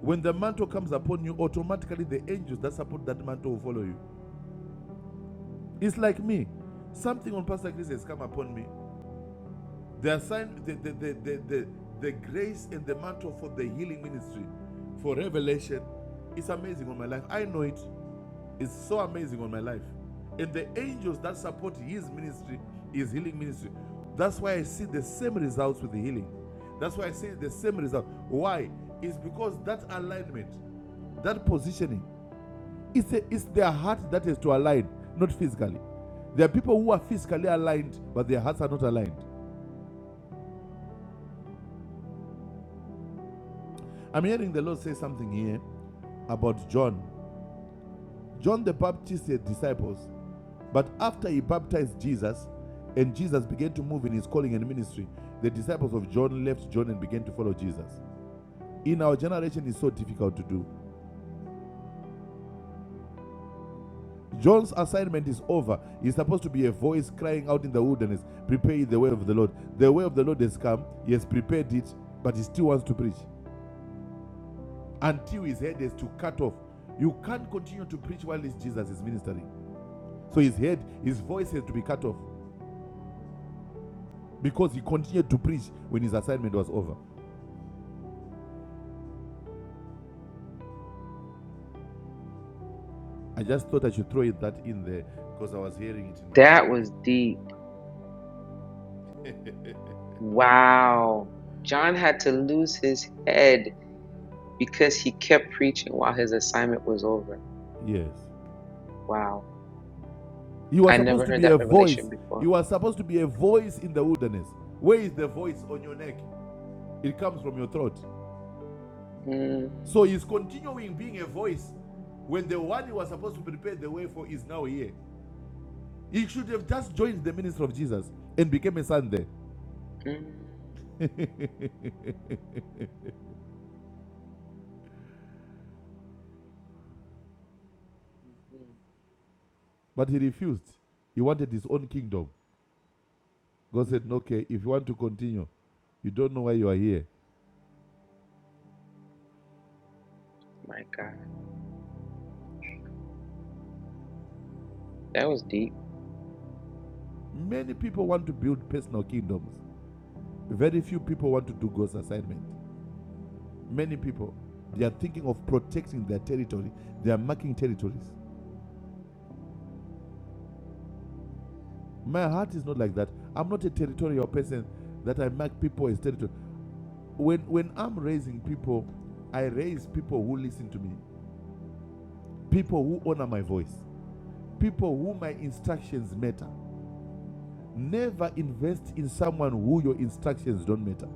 [SPEAKER 3] When the mantle comes upon you, automatically the angels that support that mantle will follow you. It's like me. Something on Pastor Chris has come upon me. The assign the the, the, the, the, the grace and the mantle for the healing ministry, for revelation, it's amazing on my life. I know it. is so amazing on my life. And the angels that support his ministry, his healing ministry. That's why I see the same results with the healing. That's why I see the same result. Why? It's because that alignment, that positioning, it's, a, it's their heart that is to align, not physically. There are people who are physically aligned, but their hearts are not aligned. I'm hearing the Lord say something here about John. John the Baptist's disciples, But after he baptized Jesus, and Jesus began to move in his calling and ministry, the disciples of John left John and began to follow Jesus. In our generation, it's so difficult to do. John's assignment is over. He's supposed to be a voice crying out in the wilderness, Prepare the way of the Lord. The way of the Lord has come. He has prepared it, but he still wants to preach. Until his head is to cut off. You can't continue to preach while this Jesus is ministering. So his head, his voice has to be cut off because he continued to preach when his assignment was over. I just thought I should throw that in there because I was hearing it in my
[SPEAKER 7] That
[SPEAKER 3] spirit.
[SPEAKER 7] was deep. Wow. John had to lose his head because he kept preaching while his assignment was over.
[SPEAKER 3] yes.
[SPEAKER 7] Wow.
[SPEAKER 3] You were
[SPEAKER 7] I
[SPEAKER 3] supposed
[SPEAKER 7] never
[SPEAKER 3] to
[SPEAKER 7] heard
[SPEAKER 3] be a
[SPEAKER 7] that
[SPEAKER 3] voice.
[SPEAKER 7] revelation before.
[SPEAKER 3] You were supposed to be a voice in the wilderness. Where is the voice on your neck? It comes from your throat.
[SPEAKER 7] Mm,
[SPEAKER 3] So he's continuing being a voice when the one he was supposed to prepare the way for is now here. He should have just joined the ministry of Jesus and became a son there.
[SPEAKER 7] mm, mhm,
[SPEAKER 3] but he refused. He wanted his own kingdom. God
[SPEAKER 7] mm.
[SPEAKER 3] said, "No, Okay, if you want to continue, you don't know why you are here.
[SPEAKER 7] My God. That was deep.
[SPEAKER 3] Many people want to build personal kingdoms. Very few people want to do God's assignment. Many people, they are thinking of protecting their territory. They are marking territories. My heart is not like that. I'm not a territorial person that I mark people as territory. When when I'm raising people, I raise people who listen to me, people who honor my voice, people who my instructions matter. Never invest in someone who your instructions don't matter.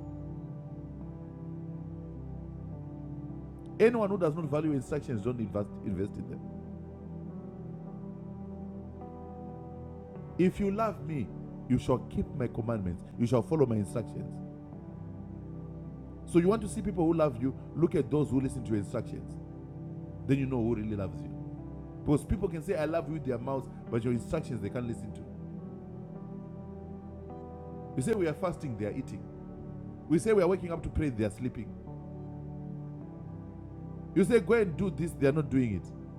[SPEAKER 3] Anyone who does not value instructions, don't invest invest in them. If you love me, you shall keep my commandments. You shall follow my instructions. So you want to see people who love you, look at those who listen to your instructions. Then you know who really loves you. Because people can say, I love you with their mouths, but your instructions they can't listen to. You say, We are fasting, they are eating. We say, We are waking up to pray, they are sleeping. You say, Go and do this, they are not doing it.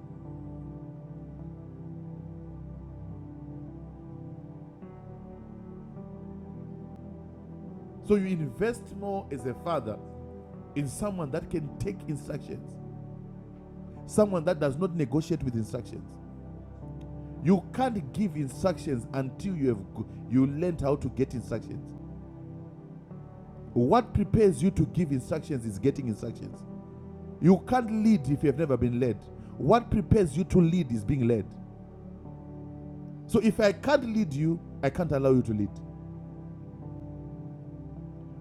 [SPEAKER 3] So you invest more as a father in someone that can take instructions, someone that does not negotiate with instructions. You can't give instructions until you have you learned how to get instructions. What prepares you to give instructions is getting instructions. You can't lead if you have never been led. What prepares you to lead is being led. So if I can't lead you, I can't allow you to lead.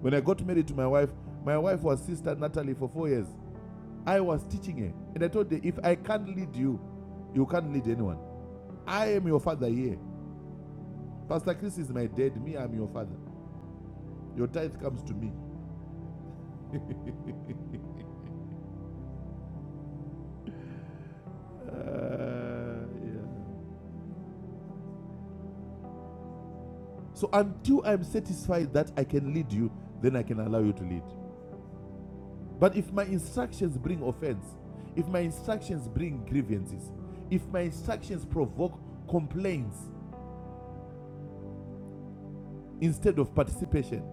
[SPEAKER 3] When I got married to my wife, my wife was sister Natalie for four years. I was teaching her, and I told her, if I can't lead you, you can't lead anyone. I am your father here. Pastor Chris is my dad. Me, I'm your father. Your tithe comes to me. Uh, yeah. So until I'm satisfied that I can lead you, then I can allow you to lead. But if my instructions bring offense, if my instructions bring grievances, if my instructions provoke complaints instead of participation,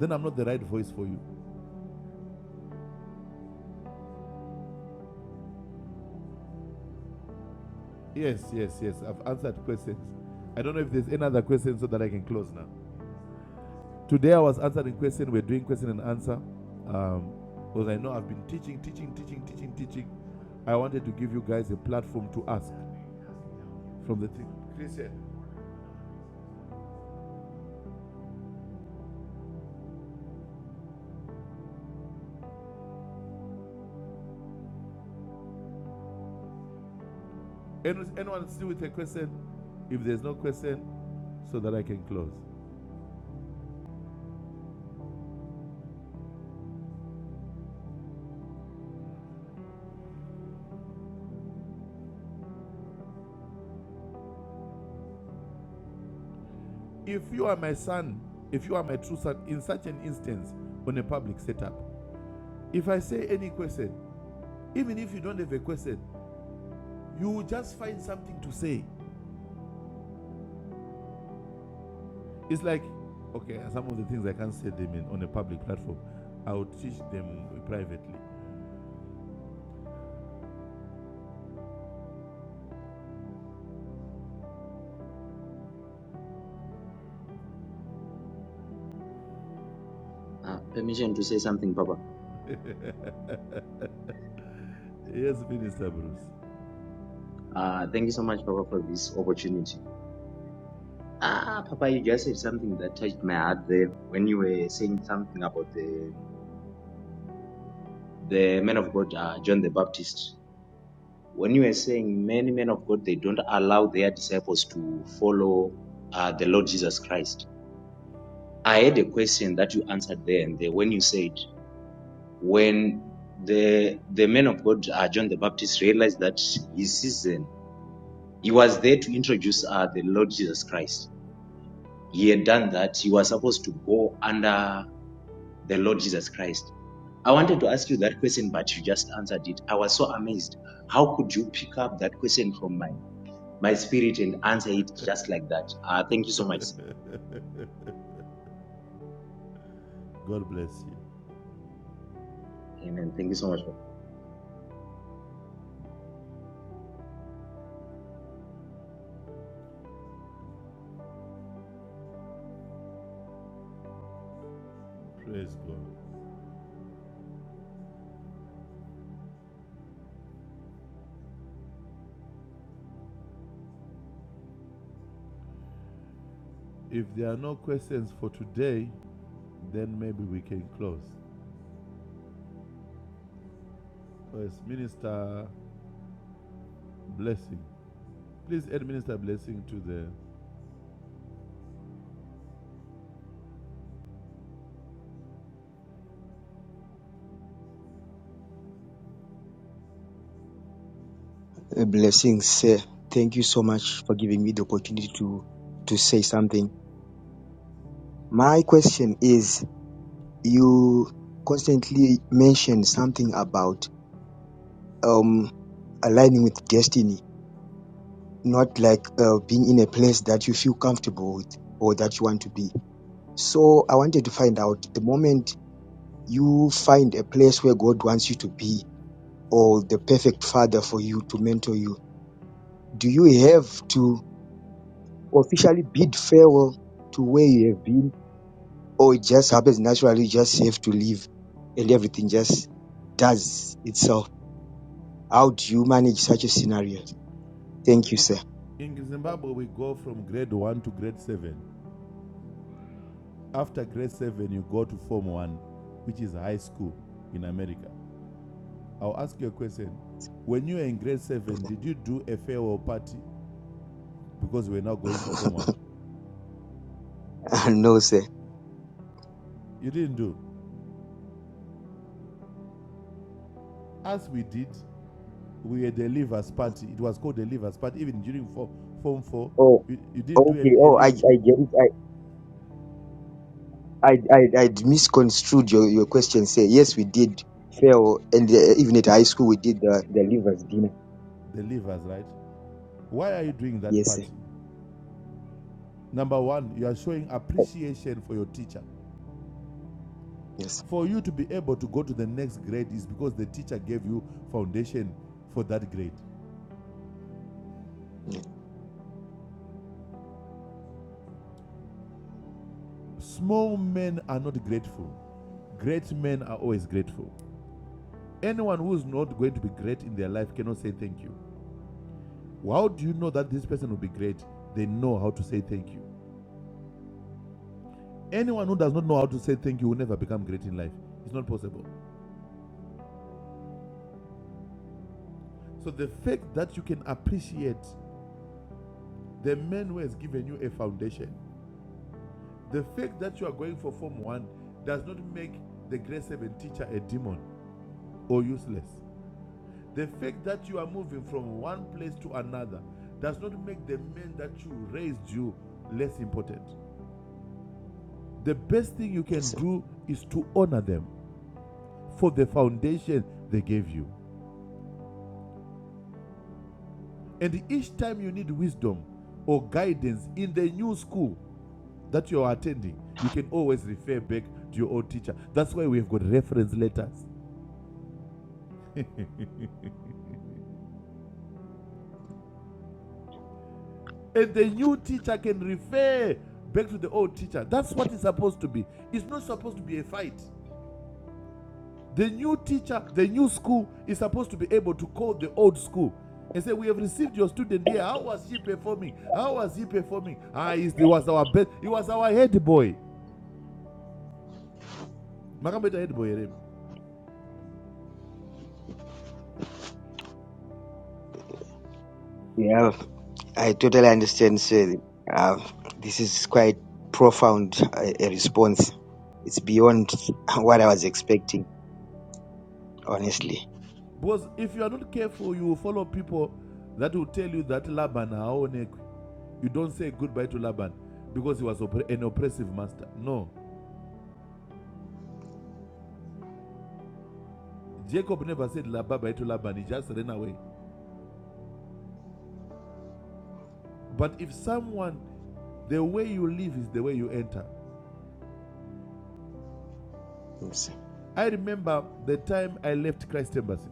[SPEAKER 3] then I'm not the right voice for you. Yes, yes, yes. I've answered questions. I don't know if there's any other question so that I can close now. Today I was answering question. We're doing question and answer. Um, because I know I've been teaching, teaching, teaching, teaching, teaching. I wanted to give you guys a platform to ask from the thing. Christian, anyone still with a question? If there's no question, so that I can close. If you are my son, if you are my true son, in such an instance, on a public setup, if I say any question, even if you don't have a question, you will just find something to say. It's like, okay, some of the things I can't say them in, on a public platform, I will teach them privately.
[SPEAKER 8] Uh, permission to say something, Papa.
[SPEAKER 3] Yes, Minister Bruce,
[SPEAKER 8] Uh, thank you so much, Papa, for this opportunity. Ah, Papa, you just said something that touched my heart there when you were saying something about the the man of God, uh, John the Baptist. When you were saying many men of God, they don't allow their disciples to follow uh, the Lord Jesus Christ. I had a question that you answered there and there when you said when the the man of God, uh, John the Baptist, realized that his season, he was there to introduce uh, the Lord Jesus Christ he had done that, he was supposed to go under the Lord Jesus Christ. I wanted to ask you that question, but you just answered it. I was so amazed. How could you pick up that question from my, my spirit and answer it just like that? Uh, thank you so much.
[SPEAKER 3] God bless you.
[SPEAKER 8] Amen. Thank you so much.
[SPEAKER 3] Praise God. If there are no questions for today, then maybe we can close. Yes, Minister Blessing. Please add Minister Blessing to the.
[SPEAKER 9] Uh, Blessings, sir. Thank you so much for giving me the opportunity to to say something. My question is, you constantly mention something about um aligning with destiny, not like uh, being in a place that you feel comfortable with or that you want to be. So I wanted to find out the moment you find a place where God wants you to be or the perfect father for you to mentor you, do you have to officially bid farewell to where you have been? or it just happens naturally. You just have to live, and everything just does itself. How do you manage such a scenario? Thank
[SPEAKER 3] Okay,
[SPEAKER 9] you,
[SPEAKER 3] in,
[SPEAKER 9] sir.
[SPEAKER 3] in Zimbabwe, we go from grade 1 to grade 7. After grade 7, you go to Form 1, which is high school in America. I'll ask you a question. When you were in grade seven, did you do a farewell party because we were now going for Form One?
[SPEAKER 9] no, sir.
[SPEAKER 3] You didn't do. As we did, we had a leavers party. It was called a leavers party. Even during form, form four,
[SPEAKER 9] Oh,
[SPEAKER 3] you, you didn't do
[SPEAKER 9] okay.
[SPEAKER 3] a, a
[SPEAKER 9] Oh, I, I
[SPEAKER 3] leave,
[SPEAKER 9] get it. I, I, I, I misconstrued your, your question, sir. Yes, we did fail, and uh, even at high school, we did the, the leavers dinner.
[SPEAKER 3] the leavers, right? Why are you doing that
[SPEAKER 9] Yes, sir.
[SPEAKER 3] party? Number one, you are showing appreciation for your teacher.
[SPEAKER 9] Yes.
[SPEAKER 3] For you to be able to go to the next grade is because the teacher gave you foundation for that grade.
[SPEAKER 9] Yes,
[SPEAKER 3] Small men are not grateful. Great men are always grateful. Anyone who is not going to be great in their life cannot say thank you. How do you know that this person will be great? They know how to say thank you. Anyone who does not know how to say thank you will never become great in life. It's not possible. So the fact that you can appreciate the man who has given you a foundation, the fact that you are going for Form 1 does not make the grade 7 teacher a demon or useless. The fact that you are moving from one place to another does not make the man that you raised you less important. The best thing you
[SPEAKER 9] yes
[SPEAKER 3] can
[SPEAKER 9] sir.
[SPEAKER 3] do is to honor them for the foundation they gave you. And each time you need wisdom or guidance in the new school that you are attending, you can always refer back to your old teacher. That's why we've got reference letters. and the new teacher can refer back to the old teacher. That's what it's supposed to be. It's not supposed to be a fight. The new teacher, the new school is supposed to be able to call the old school and say, We have received your student here. How was he performing? How was he performing? Ah, he's- he was our best, he was our head boy. Makambeta head boy. here.
[SPEAKER 9] We have. I totally understand, sir. Uh, this is quite profound uh, a response. It's beyond what I was expecting, honestly.
[SPEAKER 3] Because if you are not careful, you will follow people that will tell you that Laban haonekwi. You don't say goodbye to Laban because he was an oppressive master. No. Jacob never said la- bye to Laban, he just ran away. But if someone, the way you live is the way you enter.
[SPEAKER 9] Yes.
[SPEAKER 3] I remember the time I left Christ Embassy.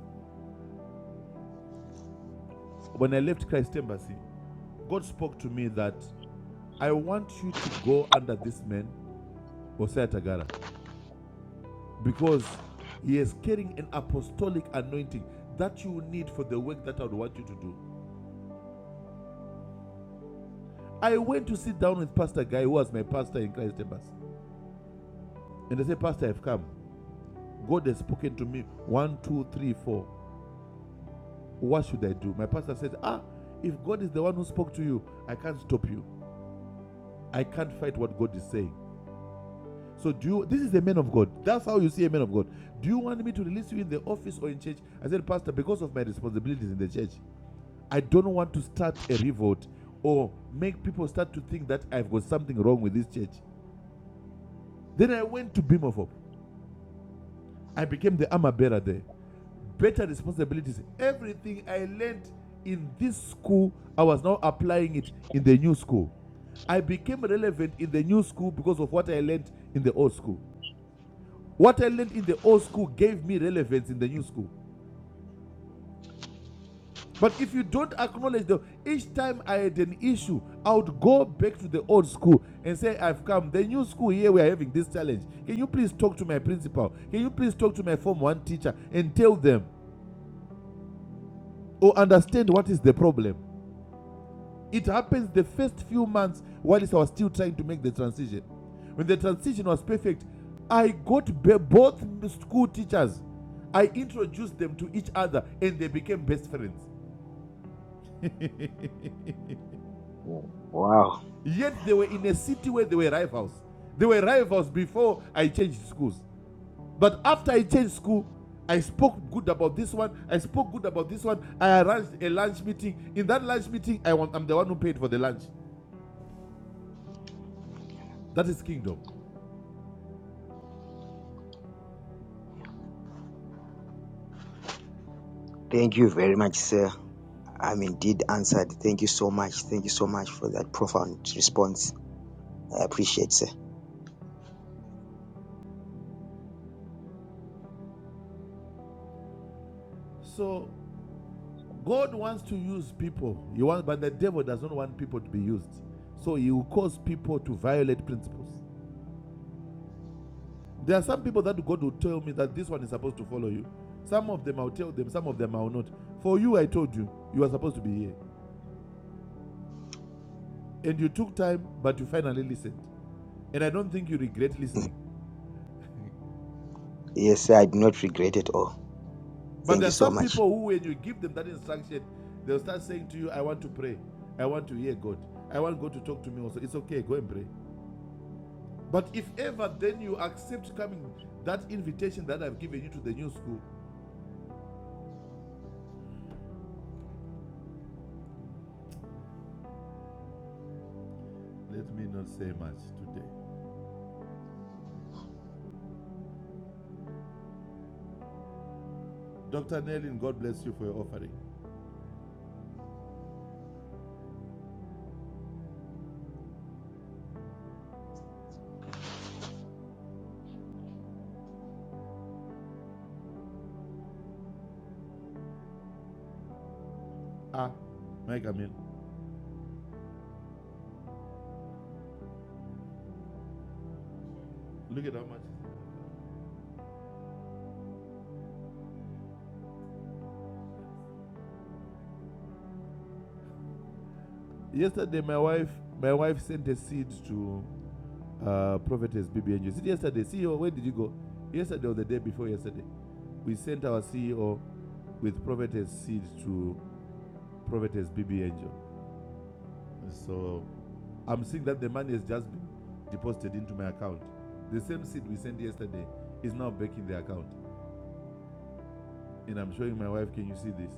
[SPEAKER 3] When I left Christ Embassy, God spoke to me that I want you to go under this man, Hosea Tagara, because he is carrying an apostolic anointing that you need for the work that I would want you to do. I went to sit down with Pastor Guy, who was my pastor in Christ Embassy, and I said, Pastor, I've come. God has spoken to me one, two, three, four. What should I do? My pastor said, Ah, if God is the one who spoke to you, I can't stop you. I can't fight what God is saying. So do you, this is a man of God. That's how you see a man of God. Do you want me to release you in the office or in church? I said, Pastor, because of my responsibilities in the church, I don't want to start a revolt or make people start to think that I've got something wrong with this church. Then I went to Beam of Hope. I became the armor bearer there. Better responsibilities. Everything I learned in this school, I was now applying it in the new school. I became relevant in the new school because of what I learned in the old school. What I learned in the old school gave me relevance in the new school. But if you don't acknowledge them, each time I had an issue, I would go back to the old school and say, I've come. The new school here, we are having this challenge. Can you please talk to my principal? Can you please talk to my Form 1 teacher and tell them or understand what is the problem? It happens the first few months whilst I was still trying to make the transition. When the transition was perfect, I got be- both school teachers. I introduced them to each other and they became best friends.
[SPEAKER 9] Wow.
[SPEAKER 3] Yet they were in a city where they were rivals. They were rivals before I changed schools. But after I changed school, I spoke good about this one. I spoke good about this one. I arranged a lunch meeting. In that lunch meeting, I want, I'm the one who paid for the lunch. That is kingdom.
[SPEAKER 9] Thank you very much, sir. I'm indeed answered. Thank you so much. Thank you so much for that profound response. I appreciate, sir.
[SPEAKER 3] So God wants to use people. He wants, but the devil does not want people to be used. So he will cause people to violate principles. There are some people that God will tell me that this one is supposed to follow you. Some of them I'll tell them, some of them I'll not. For you, I told you, you are supposed to be here. And you took time, but you finally listened. And I don't think you regret listening.
[SPEAKER 9] Yes, sir, I do not regret at all.
[SPEAKER 3] But
[SPEAKER 9] Thank
[SPEAKER 3] there
[SPEAKER 9] you
[SPEAKER 3] are
[SPEAKER 9] so
[SPEAKER 3] some
[SPEAKER 9] much.
[SPEAKER 3] people who, when you give them that instruction, they'll start saying to you, I want to pray. I want to hear God. I want God to talk to me also. It's okay, go and pray. But if ever then you accept coming, that invitation that I've given you to the new school, let me not say much today. Dr. Nellin, God bless you for your offering. Ah, Mike, I mean, look at how much. Yesterday, my wife, my wife sent a seed to uh, Prophetess BBNG. You said yesterday, CEO, where did you go? Yesterday or the day before yesterday, we sent our CEO with Prophetess seed to Prophetess BB Angel. So I'm seeing that the money has just been deposited into my account. The same seed we sent yesterday is now back in the account. And I'm showing my wife, can you see this?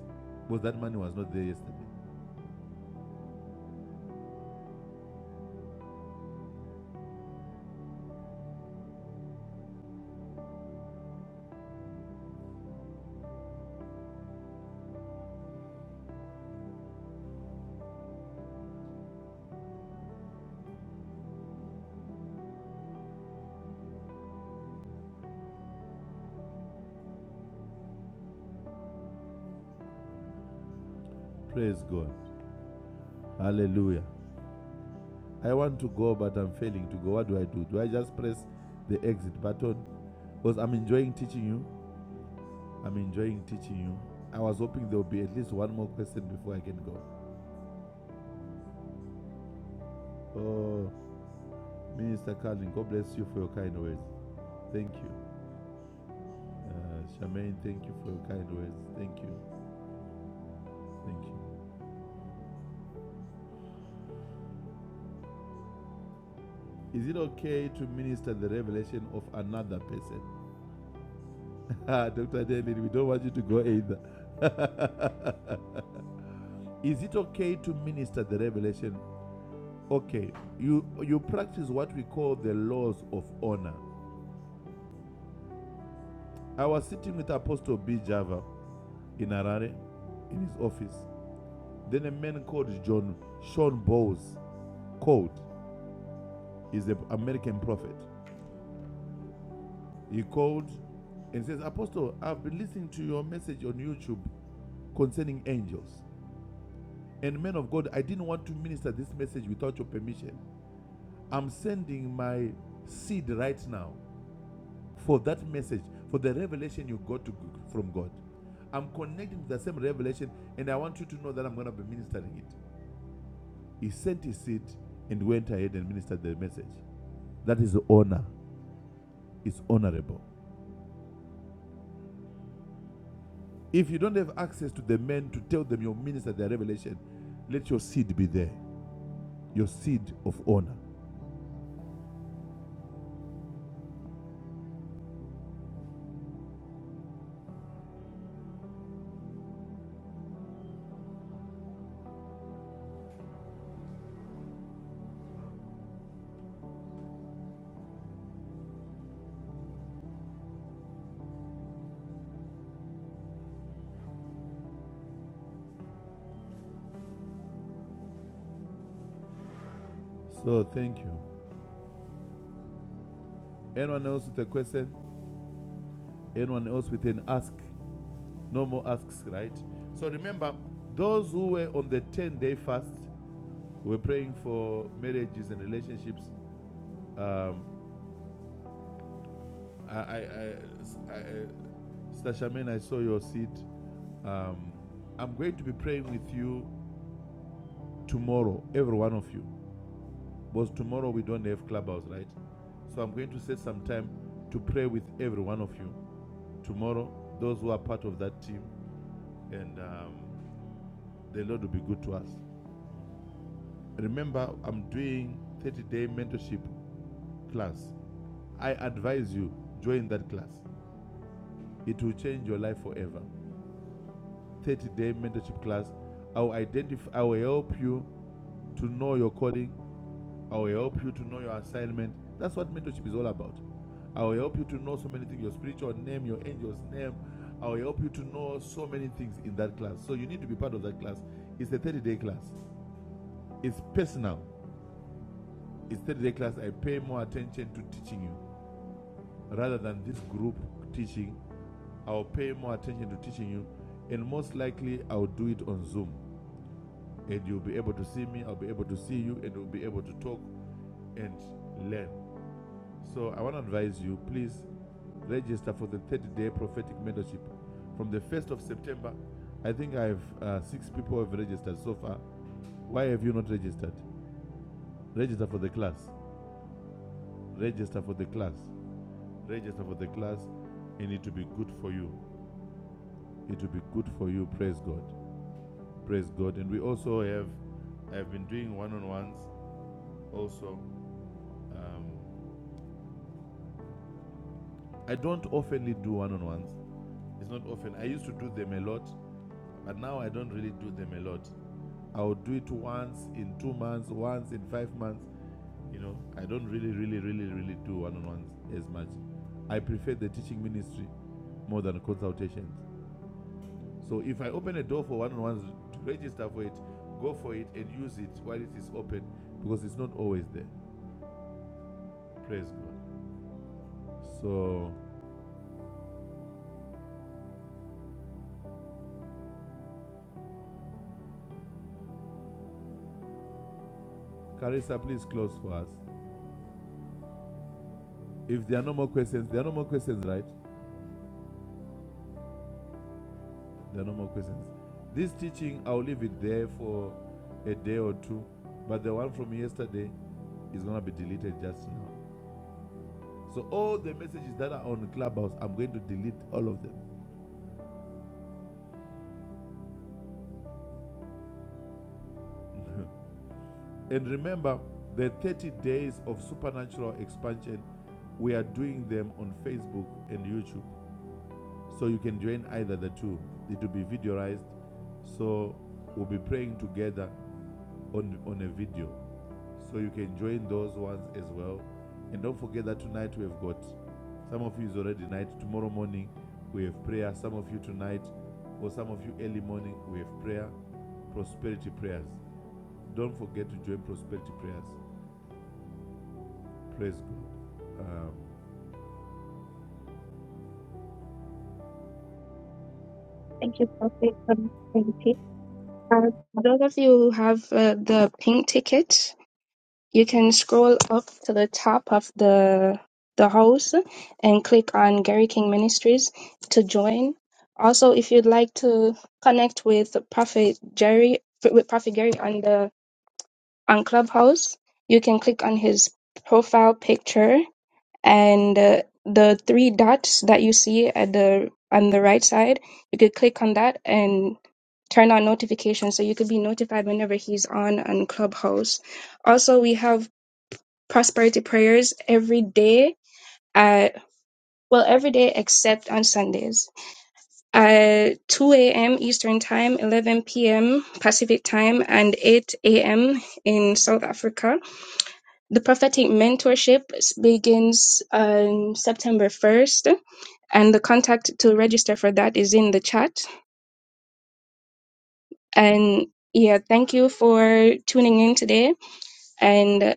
[SPEAKER 3] Because that money was not there yesterday. Praise God. Hallelujah. I want to go, but I'm failing to go. What do I do? Do I just press the exit button? Because I'm enjoying teaching you. I'm enjoying teaching you. I was hoping there will be at least one more question before I can go. Oh, Minister Carlin, God bless you for your kind words. Thank you. Uh, Charmaine, thank you for your kind words. Thank you. Thank you. Is it okay to minister the revelation of another person? Dr. David, we don't want you to go either. Is it okay to minister the revelation? Okay, you you practice what we call the laws of honor. I was sitting with Apostle B. Java in Harare, in his office. Then a man called John Sean Bowes called. He's an American prophet. He called and says, Apostle, I've been listening to your message on YouTube concerning angels. And man of God, I didn't want to minister this message without your permission. I'm sending my seed right now for that message, for the revelation you got to, from God. I'm connecting to the same revelation, and I want you to know that I'm going to be ministering it. He sent his seed and went ahead and ministered the message. That is honor. It's honorable. If you don't have access to the men to tell them your minister their revelation, let your seed be there, your seed of honor. So thank you. Anyone else with a question? Anyone else with an ask? No more asks, right? So remember, those who were on the 10 day fast were praying for marriages and relationships. Um, I, I, I, I, Stasha I saw your seed. Um, I'm going to be praying with you tomorrow, every one of you. Because tomorrow we don't have clubhouse, right? So I'm going to set some time to pray with every one of you tomorrow, those who are part of that team, and um, the Lord will be good to us. Remember, I'm doing 30 day mentorship class. I advise you join that class. It will change your life forever. 30 day mentorship class. I will identify. I will help you to know your calling I will help you to know your assignment. That's what mentorship is all about. I will help you to know so many things your spiritual name, your angel's name. I will help you to know so many things in that class. So you need to be part of that class. It's a 30 day class, it's personal. It's 30 day class. I pay more attention to teaching you rather than this group teaching. I'll pay more attention to teaching you, and most likely, I'll do it on Zoom. And you'll be able to see me, I'll be able to see you, and we'll be able to talk and learn. So I want to advise you, please register for the 30-day prophetic mentorship from the 1st of September. I think I have uh, six people have registered so far. Why have you not registered? Register for the class. Register for the class. Register for the class, and it will be good for you. It will be good for you. Praise God. Praise God. And we also have, I've been doing one-on-ones also. Um, I don't oftenly do one-on-ones. It's not often. I used to do them a lot But now I don't really do them a lot. I would do it once in two months, once in five months. You know, I don't really, really, really, really do one on ones as much. I prefer the teaching ministry more than consultations. So if I open a door for one on ones, to register for it, go for it, and use it while it is open because it's not always there. Praise God. So, Carissa, please close for us. If there are no more questions, there are no more questions, right? There are no more questions. This teaching, I'll leave it there for a day or two, but the one from yesterday is going to be deleted just now. So, all the messages that are on Clubhouse, I'm going to delete all of them. and remember, the 30 days of supernatural expansion, we are doing them on Facebook and YouTube. So, you can join either the two. It will be videoized. So, we'll be praying together on, on a video. so you can join those ones as well. And don't forget that tonight we have got some of you is already night. Tomorrow morning we have prayer. Some of you tonight, or some of you early morning, we have prayer, prosperity prayers. Don't forget to join prosperity prayers. Praise God. Um,
[SPEAKER 2] Thank you, Prophet, for the opportunity. Uh, those of you who have uh, the pink ticket, You can scroll up to the top of the the house and click on Gary King Ministries to join. Also, if you'd like to connect with Prophet Jerry with Prophet Gary on the on Clubhouse, you can click on his profile picture and uh, the three dots that you see at the on the right side, you could click on that and turn on notifications so you could be notified whenever he's on on Clubhouse. Also, we have prosperity prayers every day at well every day except on Sundays at 2 a.m. Eastern Time, 11 p.m. Pacific Time, and 8 a.m. in South Africa. The prophetic mentorship begins on September 1st, and the contact to register for that is in the chat. And yeah, thank you for tuning in today. and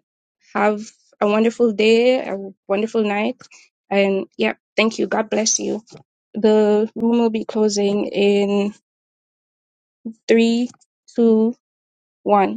[SPEAKER 2] have a wonderful day, a wonderful night. And yeah, thank you. God bless you. The room will be closing in three, two, one.